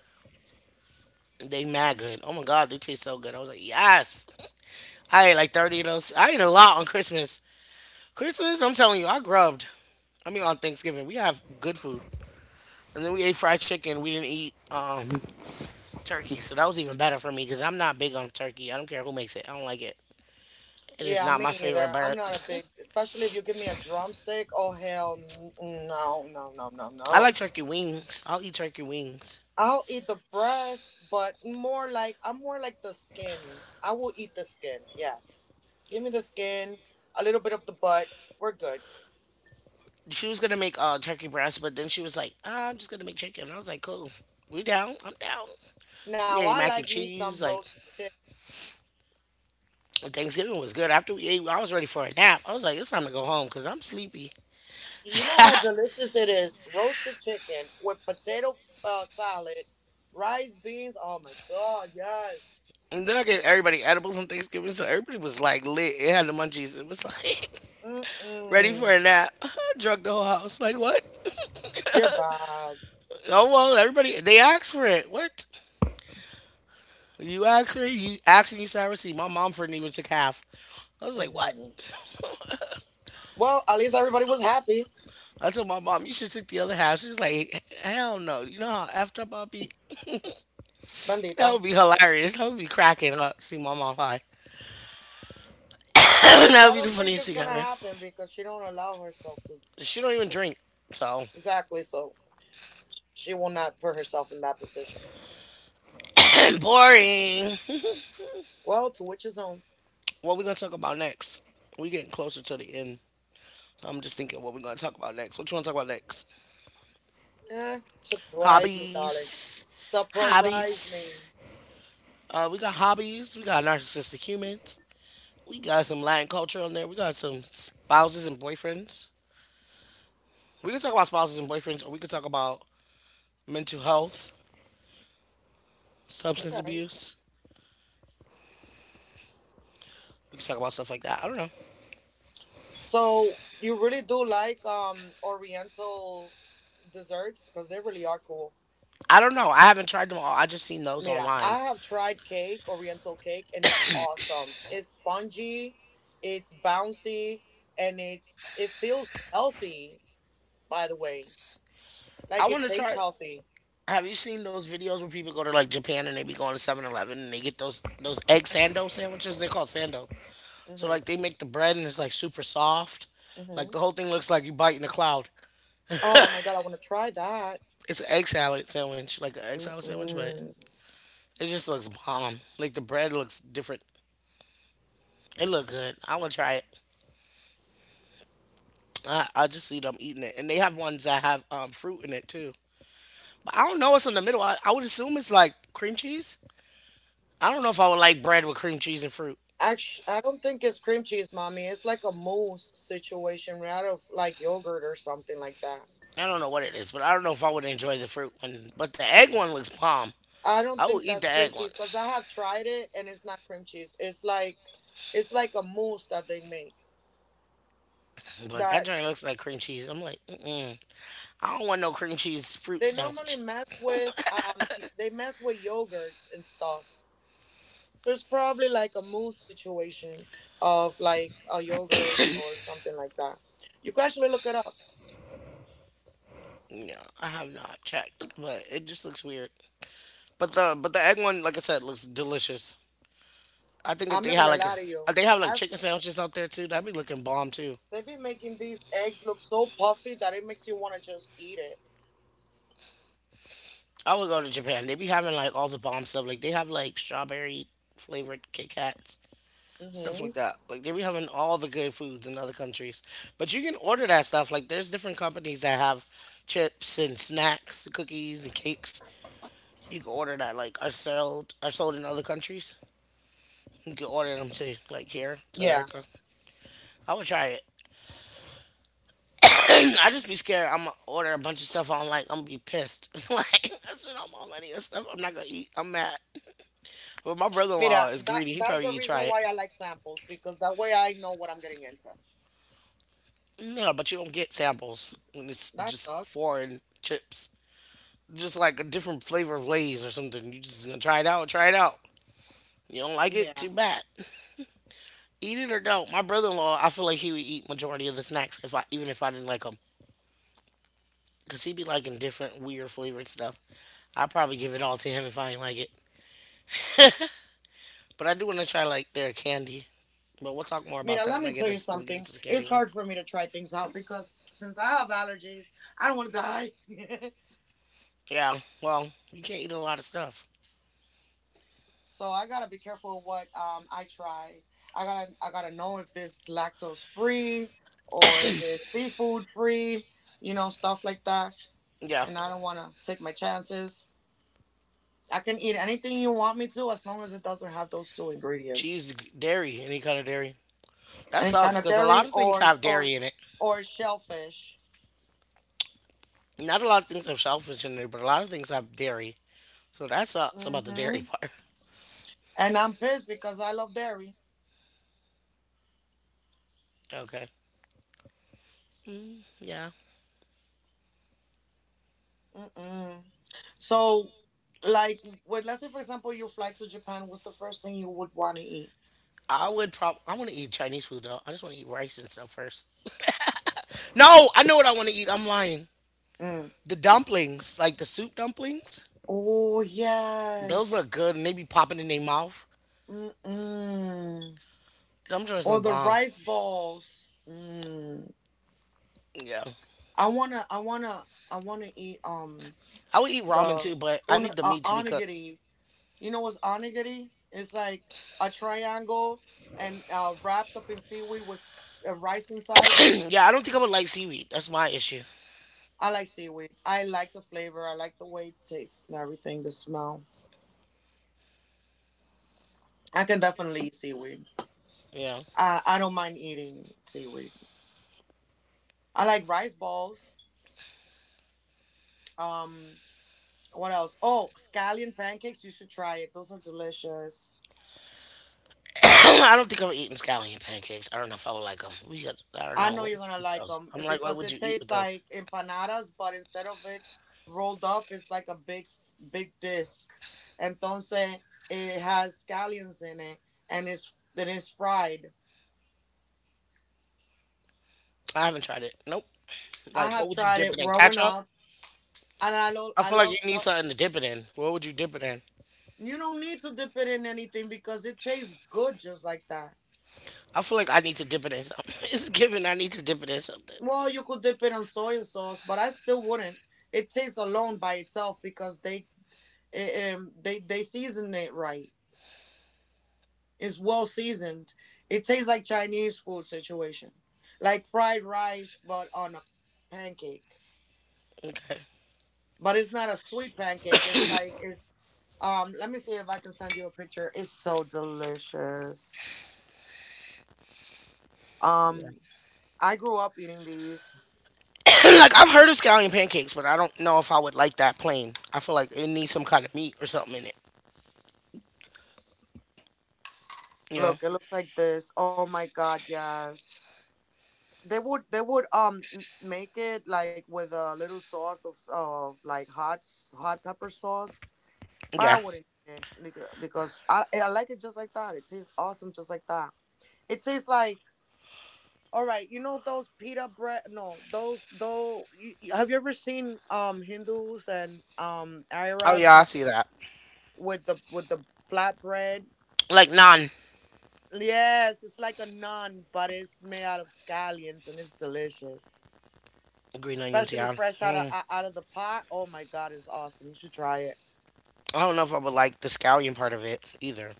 They mad good. Oh my god, they taste so good. I was like, yes. I ate like thirty of those. I ate a lot on Christmas. Christmas, I'm telling you, I grubbed. I mean, on Thanksgiving, we have good food, and then we ate fried chicken. We didn't eat um turkey, so that was even better for me because I'm not big on turkey. I don't care who makes it. I don't like it. It is Yeah, not me my favorite either. I'm bird. not a big, especially if you give me a drumstick. Oh, hell n- no, no, no, no, I no. like turkey wings. I'll eat turkey wings. I'll eat the breast, but more like, I'm more like the skin. I will eat the skin, yes. Give me the skin, a little bit of the butt. We're good. She was gonna make uh turkey breast, but then she was like, ah, I'm just gonna make chicken. I was like, cool. We down. I'm down. We Now, ate I mac and like me cheese. some Like roasted chicken. But Thanksgiving was good. After we ate, I was ready for a nap. I was like, it's time to go home because I'm sleepy. You know how delicious it is? Roasted chicken with potato uh, salad, rice, beans. Oh my God, yes. And then I gave everybody edibles on Thanksgiving, so everybody was like lit. It had the munchies. It was like ready Mm-mm. for a nap. Drug the whole house. Like what? You're bad. Oh well, everybody they asked for it. What? You asked for it. You asked and you said I received. My mom for even took half. I was like, what? Mhm. Well, at least everybody was happy, I told my mom you should take the other half. She was like, hell no. You know how effed up I'll be. That bendito. would be hilarious. I would be cracking up. See my mom high. Which That I would be the don't think funniest is thing gonna ever. happen because she don't allow herself to. She don't even drink, so Exactly. So she will not put herself in that position. boring. Well, to which his own. What we gonna talk about next? We getting closer to the end. I'm just thinking what we gonna talk about next. What you wanna talk about next? Eh, surprise me, darling. Hobbies. Surprise me. Hobbies. Uh, we got hobbies. We got narcissistic humans. We got some Latin culture on there. We got some spouses and boyfriends. We can talk about spouses and boyfriends, or we can talk about mental health, substance Okay. abuse. We can talk about stuff like that. I don't know. So you really do like um Oriental desserts because they really are cool. I don't know. I haven't tried them all. I just seen those Mira, I online. have tried cake, Oriental cake, and it's awesome. It's spongy, it's bouncy, and it's it feels healthy. By the way, I like it want to tastes try. healthy. Have you seen those videos where people go to like Japan and they be going to seven eleven and they get those those egg sando sandwiches? They're called sando. So Mhm. like they make the bread and it's like super soft. Like Mhm. the whole thing looks like you bite in a cloud. Oh my God, I want to try that. It's an egg salad sandwich, like an egg salad sandwich, but Mm-mm. it just looks bomb. Like the bread looks different. It look good. I want to try it. I, I just see them eating it, and they have ones that have um, fruit in it too. But I don't know what's in the middle. I, I would assume it's like cream cheese. I don't know if I would like bread with cream cheese and fruit. Actually, I don't think it's cream cheese, mommy. It's like a mousse situation, right, out of like yogurt or something like that. I don't know what it is, but I don't know if I would enjoy the fruit one. But the egg one looks bomb. I don't I will think eat that's the cream egg one, cheese because I have tried it, and it's not cream cheese. It's like it's like a mousse that they make. but that That joint looks like cream cheese. I'm like, mm-mm. I don't want no cream cheese fruit They normally sandwich. mess with um they mess with yogurts and stuff. So it's probably like a mousse situation of like a yogurt or something like that. You can actually look it up. No, I have not checked, but it just looks weird. But the but the egg one, like I said, looks delicious. I think if I'm they not had gonna like a, lie to you. if they have like I've chicken sandwiches out there too, that'd be looking bomb too. They've been making these eggs look so puffy that it makes you wanna just eat it. I would go to Japan. They be having like all the bomb stuff. Like they have like strawberry flavored Kit Kats. Stuff Mm-hmm. like that. Like they be having all the good foods in other countries, but you can order that stuff. Like there's different companies that have chips and snacks, cookies and cakes. You can order that. Like are sold are sold in other countries. You can order them to like here to Yeah. America. I would try it. I just be scared. I'm gonna order a bunch of stuff online. I'm gonna be pissed. Like I spent all my money on stuff I'm not gonna eat. I'm mad. But my brother-in-law Mira, is that greedy. He that's probably the eat reason try it. why I like samples because that way I know what I'm getting into. No, but you don't get samples when it's That just sucks. foreign chips. Just like a different flavor of Lay's or something. You just gonna try it out, try it out. You don't like it, Yeah. too bad. Eat it or don't. My brother-in-law, I feel like he would eat majority of the snacks if I even if I didn't like them, cause he be liking different weird flavored stuff. I'd probably give it all to him if I ain't like it. But I do want to try like their candy. But we'll talk more about Mira, that let when I me get tell you us we get something. into the candy It's one. hard for me to try things out because since I have allergies, I don't want to die. Yeah. Well, you can't eat a lot of stuff. So I gotta be careful what um I try. I gotta I gotta know if this lactose free or if it's seafood free, you know, stuff like that. Yeah. And I don't wanna take my chances. I can eat anything you want me to as long as it doesn't have those two ingredients. Cheese, dairy, any kind of dairy. That Any kind sucks of because a lot dairy of things or have dairy or in it. or shellfish. Not a lot of things have shellfish in it, but a lot of things have dairy. So that sucks about the dairy Hmm. part. And I'm pissed because I love dairy. Okay. Mm, yeah. Mm-mm. So, like, well, let's say, for example, you fly to Japan, what's the first thing you would want to eat? I would prob. I want to eat Chinese food though. I just want to eat rice and stuff first. No, I know what I want to eat. I'm lying. Mm. The dumplings, like the soup dumplings, Oh, those look yes. good and they be popping in their mouth. Mm-mm. Them joints Or look the bomb. rice balls. Mm. Yeah. I wanna, I wanna, I wanna eat um I would eat ramen the too, but I on, need the uh, meat to be cooked. onigiri. You know what's onigiri? It's like a triangle, and uh, wrapped up in seaweed with s- uh, rice inside. Yeah, I don't think I would like seaweed. That's my issue. I like seaweed. I like the flavor. I like the way it tastes and everything, the smell. I can definitely eat seaweed. Yeah. I, I don't mind eating seaweed. I like rice balls. Um, what else? Oh, scallion pancakes. You should try it. Those are delicious. I don't think I'm eating scallion pancakes. I don't know if I would like them. We got, I don't I know know what you're you gonna eat like those. them I'm like, what because would it you eat tastes with those? like empanadas, but instead of it rolled up, it's like a big, big disc. Entonces, it has scallions in it, and it's then it's fried. I haven't tried it. Nope. I Like, have what would you tried dip it it in? growing Ketchup? up. And I love, I I feel like love you need salt. something to dip it in. What would you dip it in? You don't need to dip it in anything because it tastes good just like that. I feel like I need to dip it in something. It's given I need to dip it in something. Well, you could dip it in soy sauce, but I still wouldn't. It tastes alone by itself because they eh, um they they season it right. It's well seasoned. It tastes like Chinese food situation, like fried rice but on a pancake. Okay. But it's not a sweet pancake. It's like it's um. Let me see if I can send you a picture. It's so delicious. Yeah. Um. I grew up eating these. Like, I've heard of scallion pancakes, but I don't know if I would like that plain. I feel like it needs some kind of meat or something in it. You know? Look, it looks like this. Oh my God, yes. They would they would um m- make it like with a little sauce of of like hot s- hot pepper sauce, but Yeah. I wouldn't eat it beca- because I I like it just like that. It tastes awesome just like that. It tastes like all right, you know those pita bread? No, those though. You, you- have you ever seen um Hindus and um Oh Arabs yeah, I how, see that. with the with the flatbread. Like non Yes, it's like a naan, but it's made out of scallions, and it's delicious. green onions, Especially yeah. fresh out of Mm. o- out of the pot. Oh my God, it's awesome. You should try it. I don't know if I would like the scallion part of it either,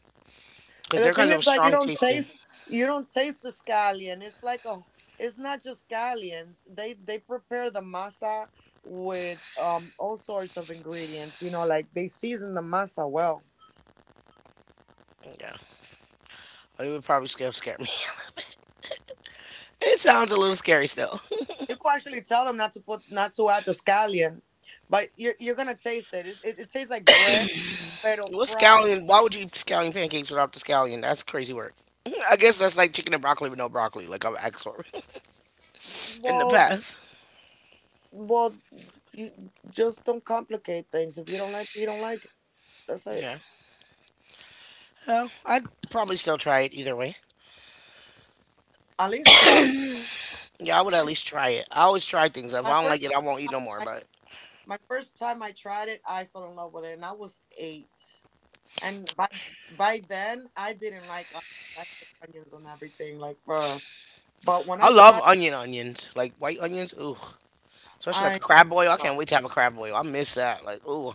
because And the they're thing kind is of like you strong don't tasting. taste you don't taste the scallion. It's like a it's not just scallions. They they prepare the masa with um all sorts of ingredients, you know, like they season the masa well. Yeah, it would probably scare scare me. It sounds a little scary still. You could actually tell them not to put not to add the scallion, but you're you're gonna taste it. It it, it tastes like bread, pero What fried. scallion? Why would you eat scallion pancakes without the scallion? That's crazy work. I guess that's like chicken and broccoli with no broccoli, like I've asked for in the Well, past. well, you just don't complicate things. If you don't like it, you don't like it. That's it. Yeah. Well, I'd probably still try it either way. At least try it. Yeah, I would at least try it. I always try things. If My I don't like it, first I time, won't eat no more. I, I But my first time I tried it, I fell in love with it, and I was eight. And by by then, I didn't like onions. I hate onions and everything. Like, uh, but when I I love tried, onion onions, like white onions. Ooh, especially like a I crab boil. I can't wait to have a crab boil. I miss that. Like, ooh,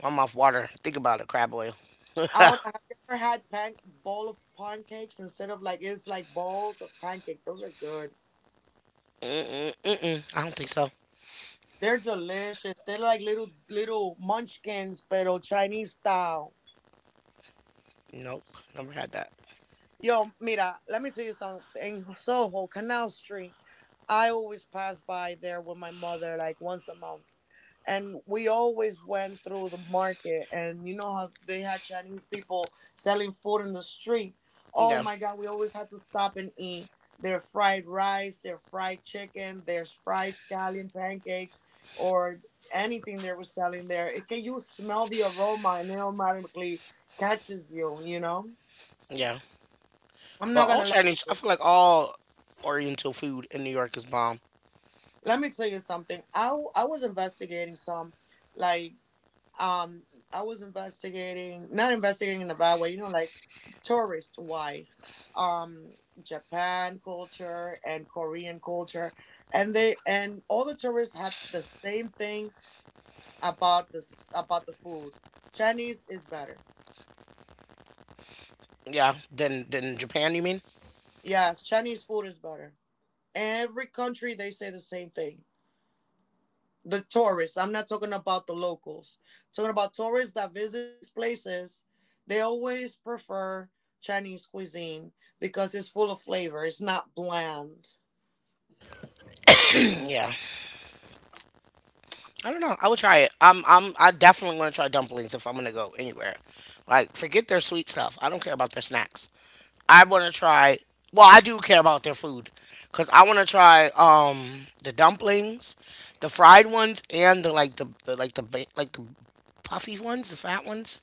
my mouth water. Think about it, crab boil. I Mm-mm, would, have you ever had pan bowl of pancakes instead of like it's like balls of pancake? Those are good. mm-mm. I don't think so. They're delicious. They're like little little munchkins, pero Chinese style. Nope, never had that. Yo, mira, let me tell you something. In Soho, Canal Street, I always pass by there with my mother like once a month. And we always went through the market, and you know how they had Chinese people selling food in the street. Oh Yeah, my god, we always had to stop and eat their fried rice, their fried chicken, their fried scallion pancakes, or anything they were selling there. It, can you smell the aroma, and it automatically catches you, you know? yeah. I'm not But all gonna lie to Chinese, I you. feel like all Oriental food in New York is bomb. Let me tell you something. I w- I was investigating some, like um, I was investigating, not investigating in a bad way, you know, like tourist wise, um, Japan culture and Korean culture, and they and all the tourists had the same thing about this about the food. Chinese is better. Yeah, then then Japan, you mean? Yes, Chinese food is better. Every country they say the same thing. the tourists. I'm not talking about the locals. talking about tourists that visit these places. They always prefer Chinese cuisine because it's full of flavor. It's not bland. Yeah, I don't know. I would try it. I'm I'm I definitely want to try dumplings if I'm gonna go anywhere. Like forget their sweet stuff. I don't care about their snacks. I want to try. Well, I do care about their food, cause I want to try um the dumplings, the fried ones, and the like the, the like the ba- like the puffy ones, the fat ones.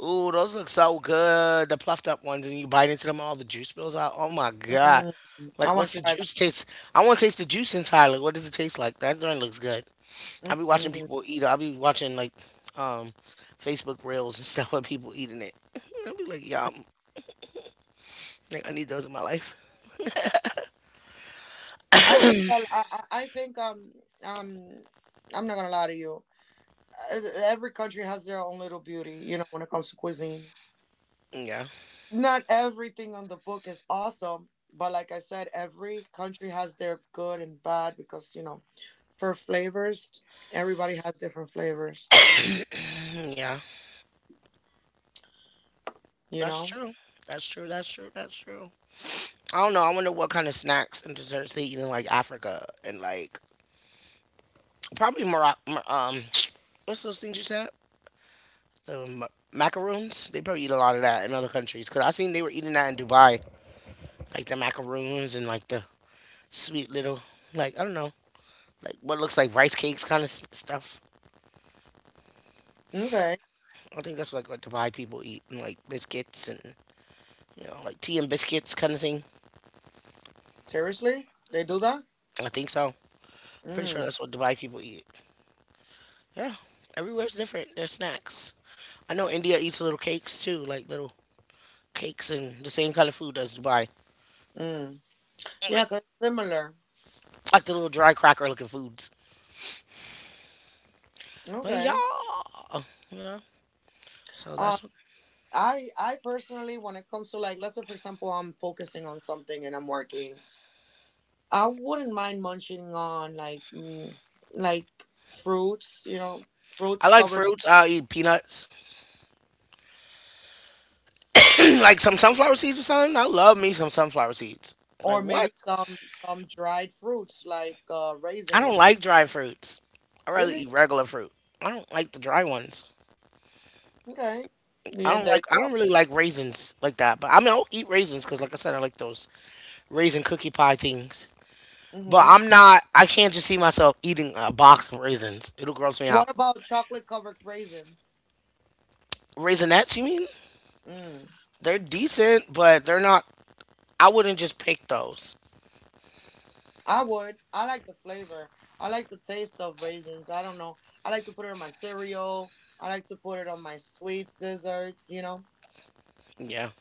Ooh, those look so good. The puffed up ones, and you bite into them, all the juice spills out. Oh my god! Mm, I Like, want what's to the try juice taste? I want to taste the juice inside. Like, what does it taste like? That joint looks good. I that. be watching Mm-mm. people eat. It. I be watching like, um, Facebook reels and stuff of people eating it. I be like, yum. Like, I need those in my life. I think I, I, I think um um I'm not gonna lie to you. Uh, Every country has their own little beauty, you know, when it comes to cuisine. Mm. Yeah. Not everything on the book is awesome, but like I said, every country has their good and bad, because you know, for flavors, everybody has different flavors. Mm, yeah. You That's know? true. That's true. That's true. That's true. I don't know. I wonder what kind of snacks and desserts they eat in like Africa and like probably Morocco. Um, what's those things you said? The ma- Macaroons, they probably eat a lot of that in other countries. Cause I seen they were eating that in Dubai, like the macaroons and like the sweet little, like I don't know, like what looks like rice cakes kind of stuff. Okay. I think that's like what Dubai people eat, and like biscuits and you know like tea and biscuits kind of thing. Seriously, they do that? I think so. Pretty sure Mm. that's what Dubai people eat. Yeah, everywhere's different. There's snacks. I know India eats little cakes too, like little cakes and the same kind of food as Dubai, Mm. Yeah, cause similar. like the little dry cracker looking foods. But yeah, Okay. yeah. So Um, that's I I personally, when it comes to like, let's say for example, I'm focusing on something and I'm working, I wouldn't mind munching on like, mm, like fruits. You know, I fruits like covered. fruits. I'll eat peanuts. Like some sunflower seeds or something. I love me some sunflower seeds. Like Or what? maybe some some dried fruits like uh, I don't raisins. like dry fruits. I rather Really? eat regular fruit. I don't like the dry ones. Okay. I Yeah, don't there you like. I don't go. really like raisins like that. But I mean, I'll eat raisins because, like I said, I like those raisin cookie pie things. But Mm-hmm. I'm not. I can't just see myself eating a box of raisins. It'll gross me out. What about chocolate covered raisins? Raisinets, you mean? Mm. They're decent, but they're not. I wouldn't just pick those. I would. I like the flavor. I like the taste of raisins. I don't know. I like to put it on my cereal. I like to put it on my sweets, desserts, you know. Yeah.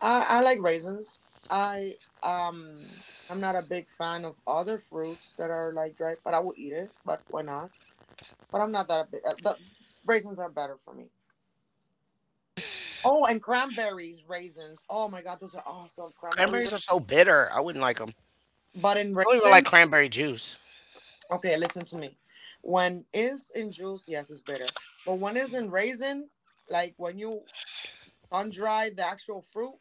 I, I like raisins. I um I'm not a big fan of other fruits that are like dried, but I will eat it. But why not? But I'm not that big. uh, The raisins are better for me. Oh, and cranberries, raisins. Oh my God, those are awesome. Cranberry, ra- Cranberries are so bitter. I wouldn't like 'em. but in I don't even like raisins. cranberry juice. Okay, listen to me. When is in juice, yes, it's bitter. But when is in raisin, like when you sun dry the actual fruit,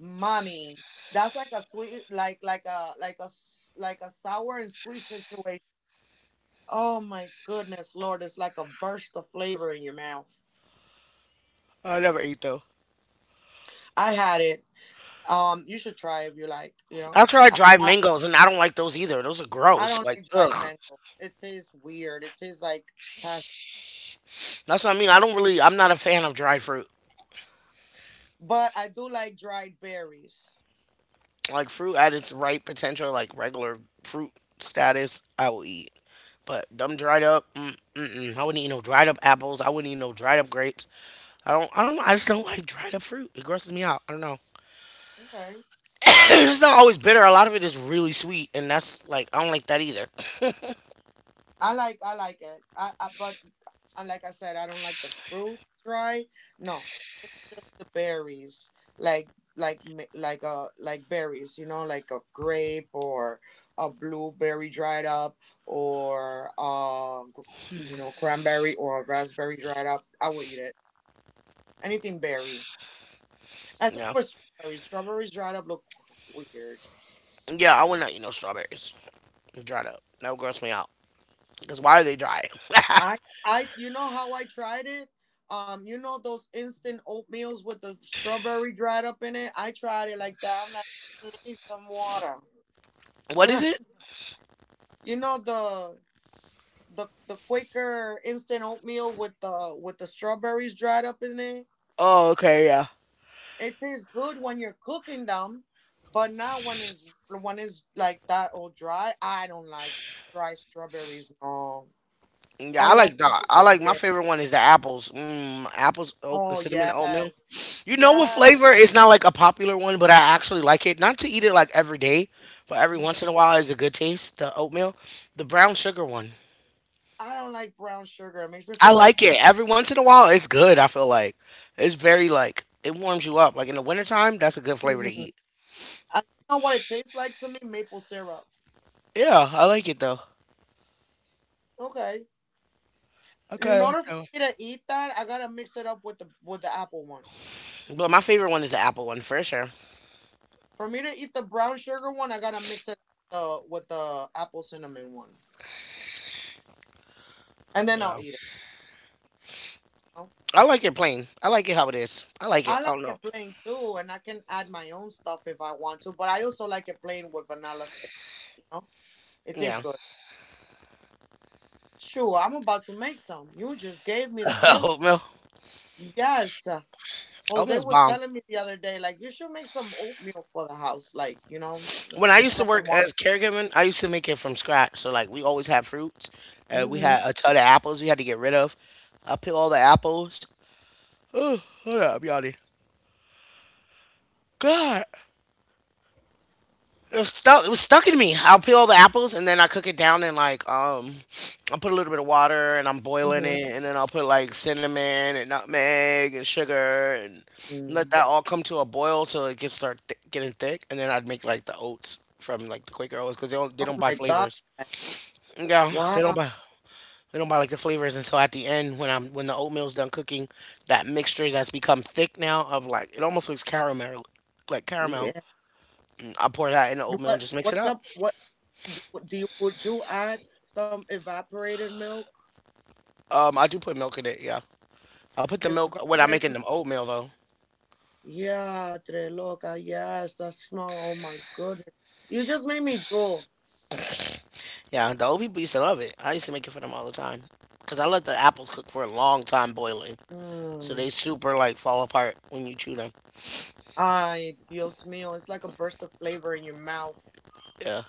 mommy, that's like a sweet, like like a like a s- like a sour and sweet situation. Oh my goodness, Lord, it's like a burst of flavor in your mouth. I never eat though. I had it. Um, you should try if you like. You know, I tried dried mangoes and I don't like those either. Those are I gross. don't Like, like dried ugh. mango. It tastes weird. It tastes like past, That's what I mean. I don't really, I'm not a fan of dried fruit. but I do like dried berries. Like, fruit at its right potential, like regular fruit status, I will eat. But them dried up, mm, mm-mm. I wouldn't eat no dried up apples. I wouldn't eat no dried up grapes. I don't, I don't, I just don't like dried up fruit. It grosses me out. I don't know. Okay, sweet. It's not always bitter. A lot of it is really sweet. And that's like, I don't like that either. I like I like it. I, I but uh, like I said, I don't like the fruit dry. No, just the berries, like like mi- like uh like berries. You know, like a grape or a blueberry dried up, or uh gr- you know cranberry or a raspberry dried up. I will eat it. Anything berry. Except Yeah. for strawberries. Strawberries dried up look weird. Yeah, I would not eat no strawberries. Dried up. That would gross me out. Because why are they dry? I I you know how I tried it? Um, you know those instant oatmeals with the strawberry dried up in it? I tried it like that. I'm like, "Mm, I need some water." What You is it? know the the the Quaker instant oatmeal with the with the strawberries dried up in it? Oh, okay, yeah. It tastes good when you're cooking them, but not when it's when it's like that all dry. I don't like str- dry strawberries, no. Yeah, I like Unless you that. I cook like my it. favorite one is the apples. Mm, apples, oat, Oh cinnamon oatmeal. yes, You know what yes. flavor? It's not like a popular one, but I actually like it. Not to eat it like every day, but every Mhm. once in a while is a good taste. The oatmeal, the brown sugar one. I don't like brown sugar. It makes me I feel like. like it. Every once in a while, it's good. I feel like it's very like it warms you up. Like in the wintertime, that's a good flavor to Mhm. eat. I know what it tastes like to me. Maple syrup. Yeah, I like it though. Okay. In Okay, order for okay. me to eat that, I gotta mix it up with the with the apple one. But my favorite one is the apple one for sure. For me to eat the brown sugar one, I gotta mix it uh, with the apple cinnamon one, and then I'll Yeah. eat it. You know? I like it plain. I like it how it is. I like it. I I like don't know. it plain too, and I can add my own stuff if I want to. But I also like it plain with vanilla. s- You know, it tastes Yeah. good. Sure, I'm about to make some. You just gave me the feeling. Oatmeal. Yes. uh, Jose Oatmeal's was bomb. telling me the other day, like, you should make some oatmeal for the house. Like, you know, like When I used to whatever I work want. as caregiving, I used to make it from scratch. So like we always had fruits. And we Mm-hmm. had a ton of apples we had to get rid of. I peel all the apples. Oh, hold on, I'm yawning. God. It was stuck. It was stuck in me. I'll peel the apples and then I cook it down and like um, I put a little bit of water and I'm boiling it and then I'll put like cinnamon and nutmeg and sugar and let Mm-hmm. that all come to a boil so it can start th- getting thick and then I'd make like the oats from like the Quaker Oats because they don't they don't Oh buy my flavors. God. Yeah, they don't Wow. buy they don't buy like the flavors, and so at the end when I'm when the oatmeal's done cooking, that mixture that's become thick now of like it almost looks caramel, like caramel. Yeah. I pour that in the What oatmeal and just what's mix it up? up. What d- what do you would you add some evaporated milk? Um, I do put milk in it. Yeah, I put the milk when I'm making Evaporated them oatmeal though. Yeah, Tre loca, yes, that smell. Oh my goodness. You just made me drool. Yeah, the old people used to love it. I used to make it for them all the time because I let the apples cook for a long time boiling, so they Mm. super like fall apart when you chew them. Ay, Dios mío. It's like a burst of flavor in your mouth. Yeah,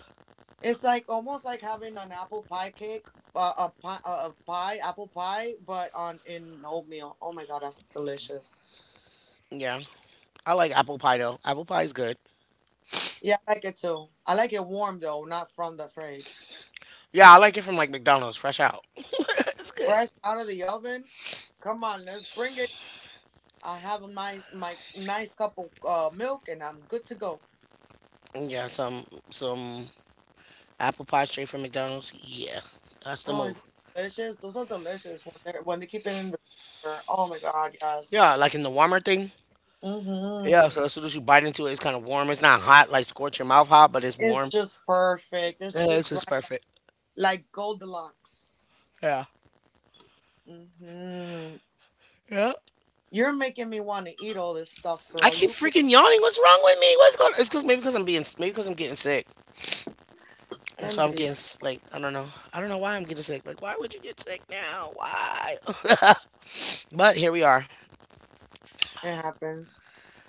It's like almost like having an apple pie cake, uh, a pie, uh, a pie, apple pie, but on in oatmeal. Oh my god, that's delicious. yeah. I like apple pie though. Apple pie is good. Yeah, I like it too. I like it warm though, not from the fridge, Yeah, I like it from like McDonald's, fresh out. It's good. fresh out of the oven. Come on, let's bring it. I have my my nice cup of uh, milk, and I'm good to go. Yeah, some some apple pie straight from McDonald's. Yeah, that's the Oh, is move. it delicious? Those are delicious when they when they keep it in the freezer. Oh my god, yes. Yeah, like in the warmer thing. Yeah, so Mm-hmm. as soon as you bite into it, it's kind of warm. It's not hot, like scorch your mouth hot, but it's It's warm. just perfect. It's Yeah, it's just just right, perfect. like Goldilocks. Yeah. Hmm. Yeah. You're making me want to eat all this stuff, I girl. keep You can freaking yawning. What's wrong with me? What's going? It's because maybe because I'm being maybe because I'm getting sick, and so bend I'm it. getting s- like I don't know. I don't know why I'm getting sick. Like why would you get sick now? Why? But here we are. It happens.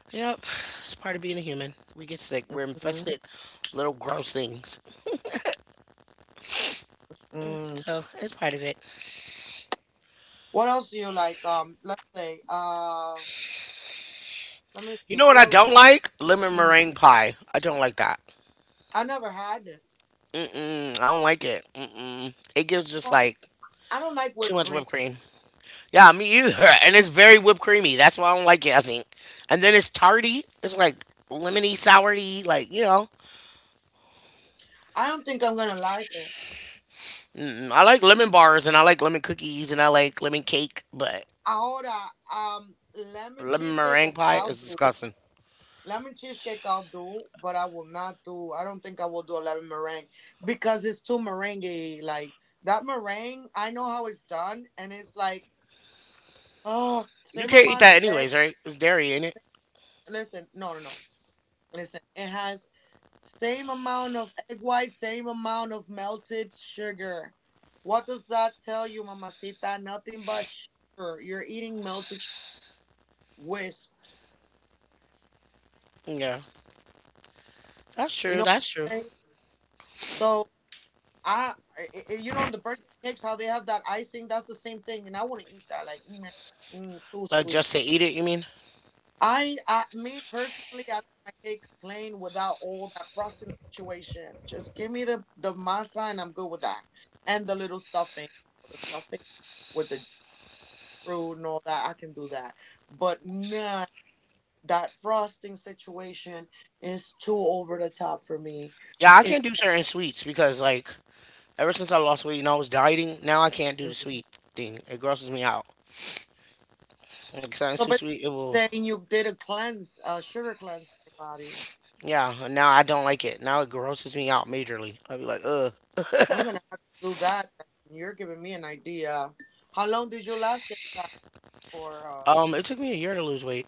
Yep, it's part of being a human. We get sick. We're Hmm. infested little gross things. Mm. So it's part of it. What else do you like? Um, let's say, uh, let me You see. know what What I else? don't like? Lemon Mm. meringue pie. I don't like that. I never had it. Mm-mm, I don't like it. Mm-mm. It gives just Well, like I don't like too whipped much cream. whipped cream. Yeah, me either. And it's very whipped creamy. That's why I don't like it. I think. And then it's tarty. It's like lemony, soury. Like you know, I don't think I'm gonna like it. mm, I like lemon bars and I like lemon cookies and I like lemon cake, but Ahora, um, lemon lemon cheesecake. meringue Okay, pie I'll is do. disgusting. Lemon cheesecake I'll do, but I will not do. I don't think I will do a lemon meringue because it's too meringue. Like that meringue, I know how it's done, and it's like oh, You same can't eat amount that of anyways, eggs. right? It's dairy in it. Listen, no, no, no. Listen, it has same amount of egg white, same amount of melted sugar. What does that tell you, mamacita? Nothing but sugar. You're eating melted sugar whisked. Yeah, that's You know true. That's what true. I'm saying? So I, I, I- you know, on the birthday cakes, how they have that icing, that's the same thing, and I wouldn't eat that. Like, mm, mm, too Like sweet. just to eat it, you mean? I, I, me personally, I like my cake plain without all that frosting situation. Just give me the the masa, and I'm good with that. And the little stuffing, the stuffing with the fruit and all that, I can do that. But not that frosting situation is too over the top for me. Yeah, I can't It's do certain sweets because like ever since I lost weight and I was dieting, now I can't do the sweet thing. It grosses me out. Like something's So too basically sweet, it will saying you did a cleanse, a sugar cleanse in your body. Yeah, and now I don't like it. Now it grosses me out majorly. I'd be like, ugh. I'm gonna have to do that. You're giving me an idea. How long did you last it fast for? Uh, Um, it took me a year to lose weight.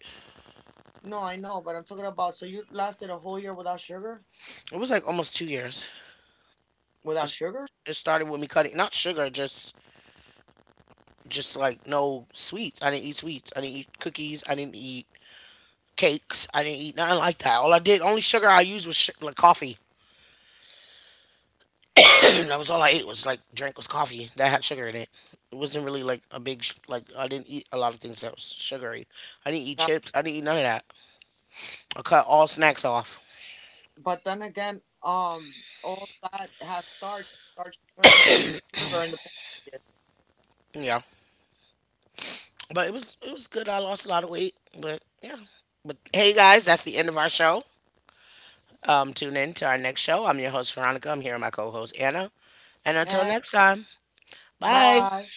No, I know, but I'm talking about. So you lasted a whole year without sugar, It was like almost two years. without It's sugar. it started with me cutting not sugar, just just like no sweets. I didn't eat sweets. I didn't eat cookies. I didn't eat cakes. I didn't eat nothing like that. All I did, only sugar I used was sh- like coffee. That was all I ate was like drink was coffee that had sugar in it. It wasn't really like a big sh- like I didn't eat a lot of things that was sugary. I didn't eat That, chips. I didn't eat none of that. I cut all snacks off. but then again, um, all that has starch. Starch turns into sugar in the pancreas. Yeah. But it was it was good. I lost a lot of weight, but yeah. But hey guys, that's the end of our show. Um, tune in to our next show. I'm your host Veronica. I'm here with my co-host Anna. And until Okay. next time, bye. Bye.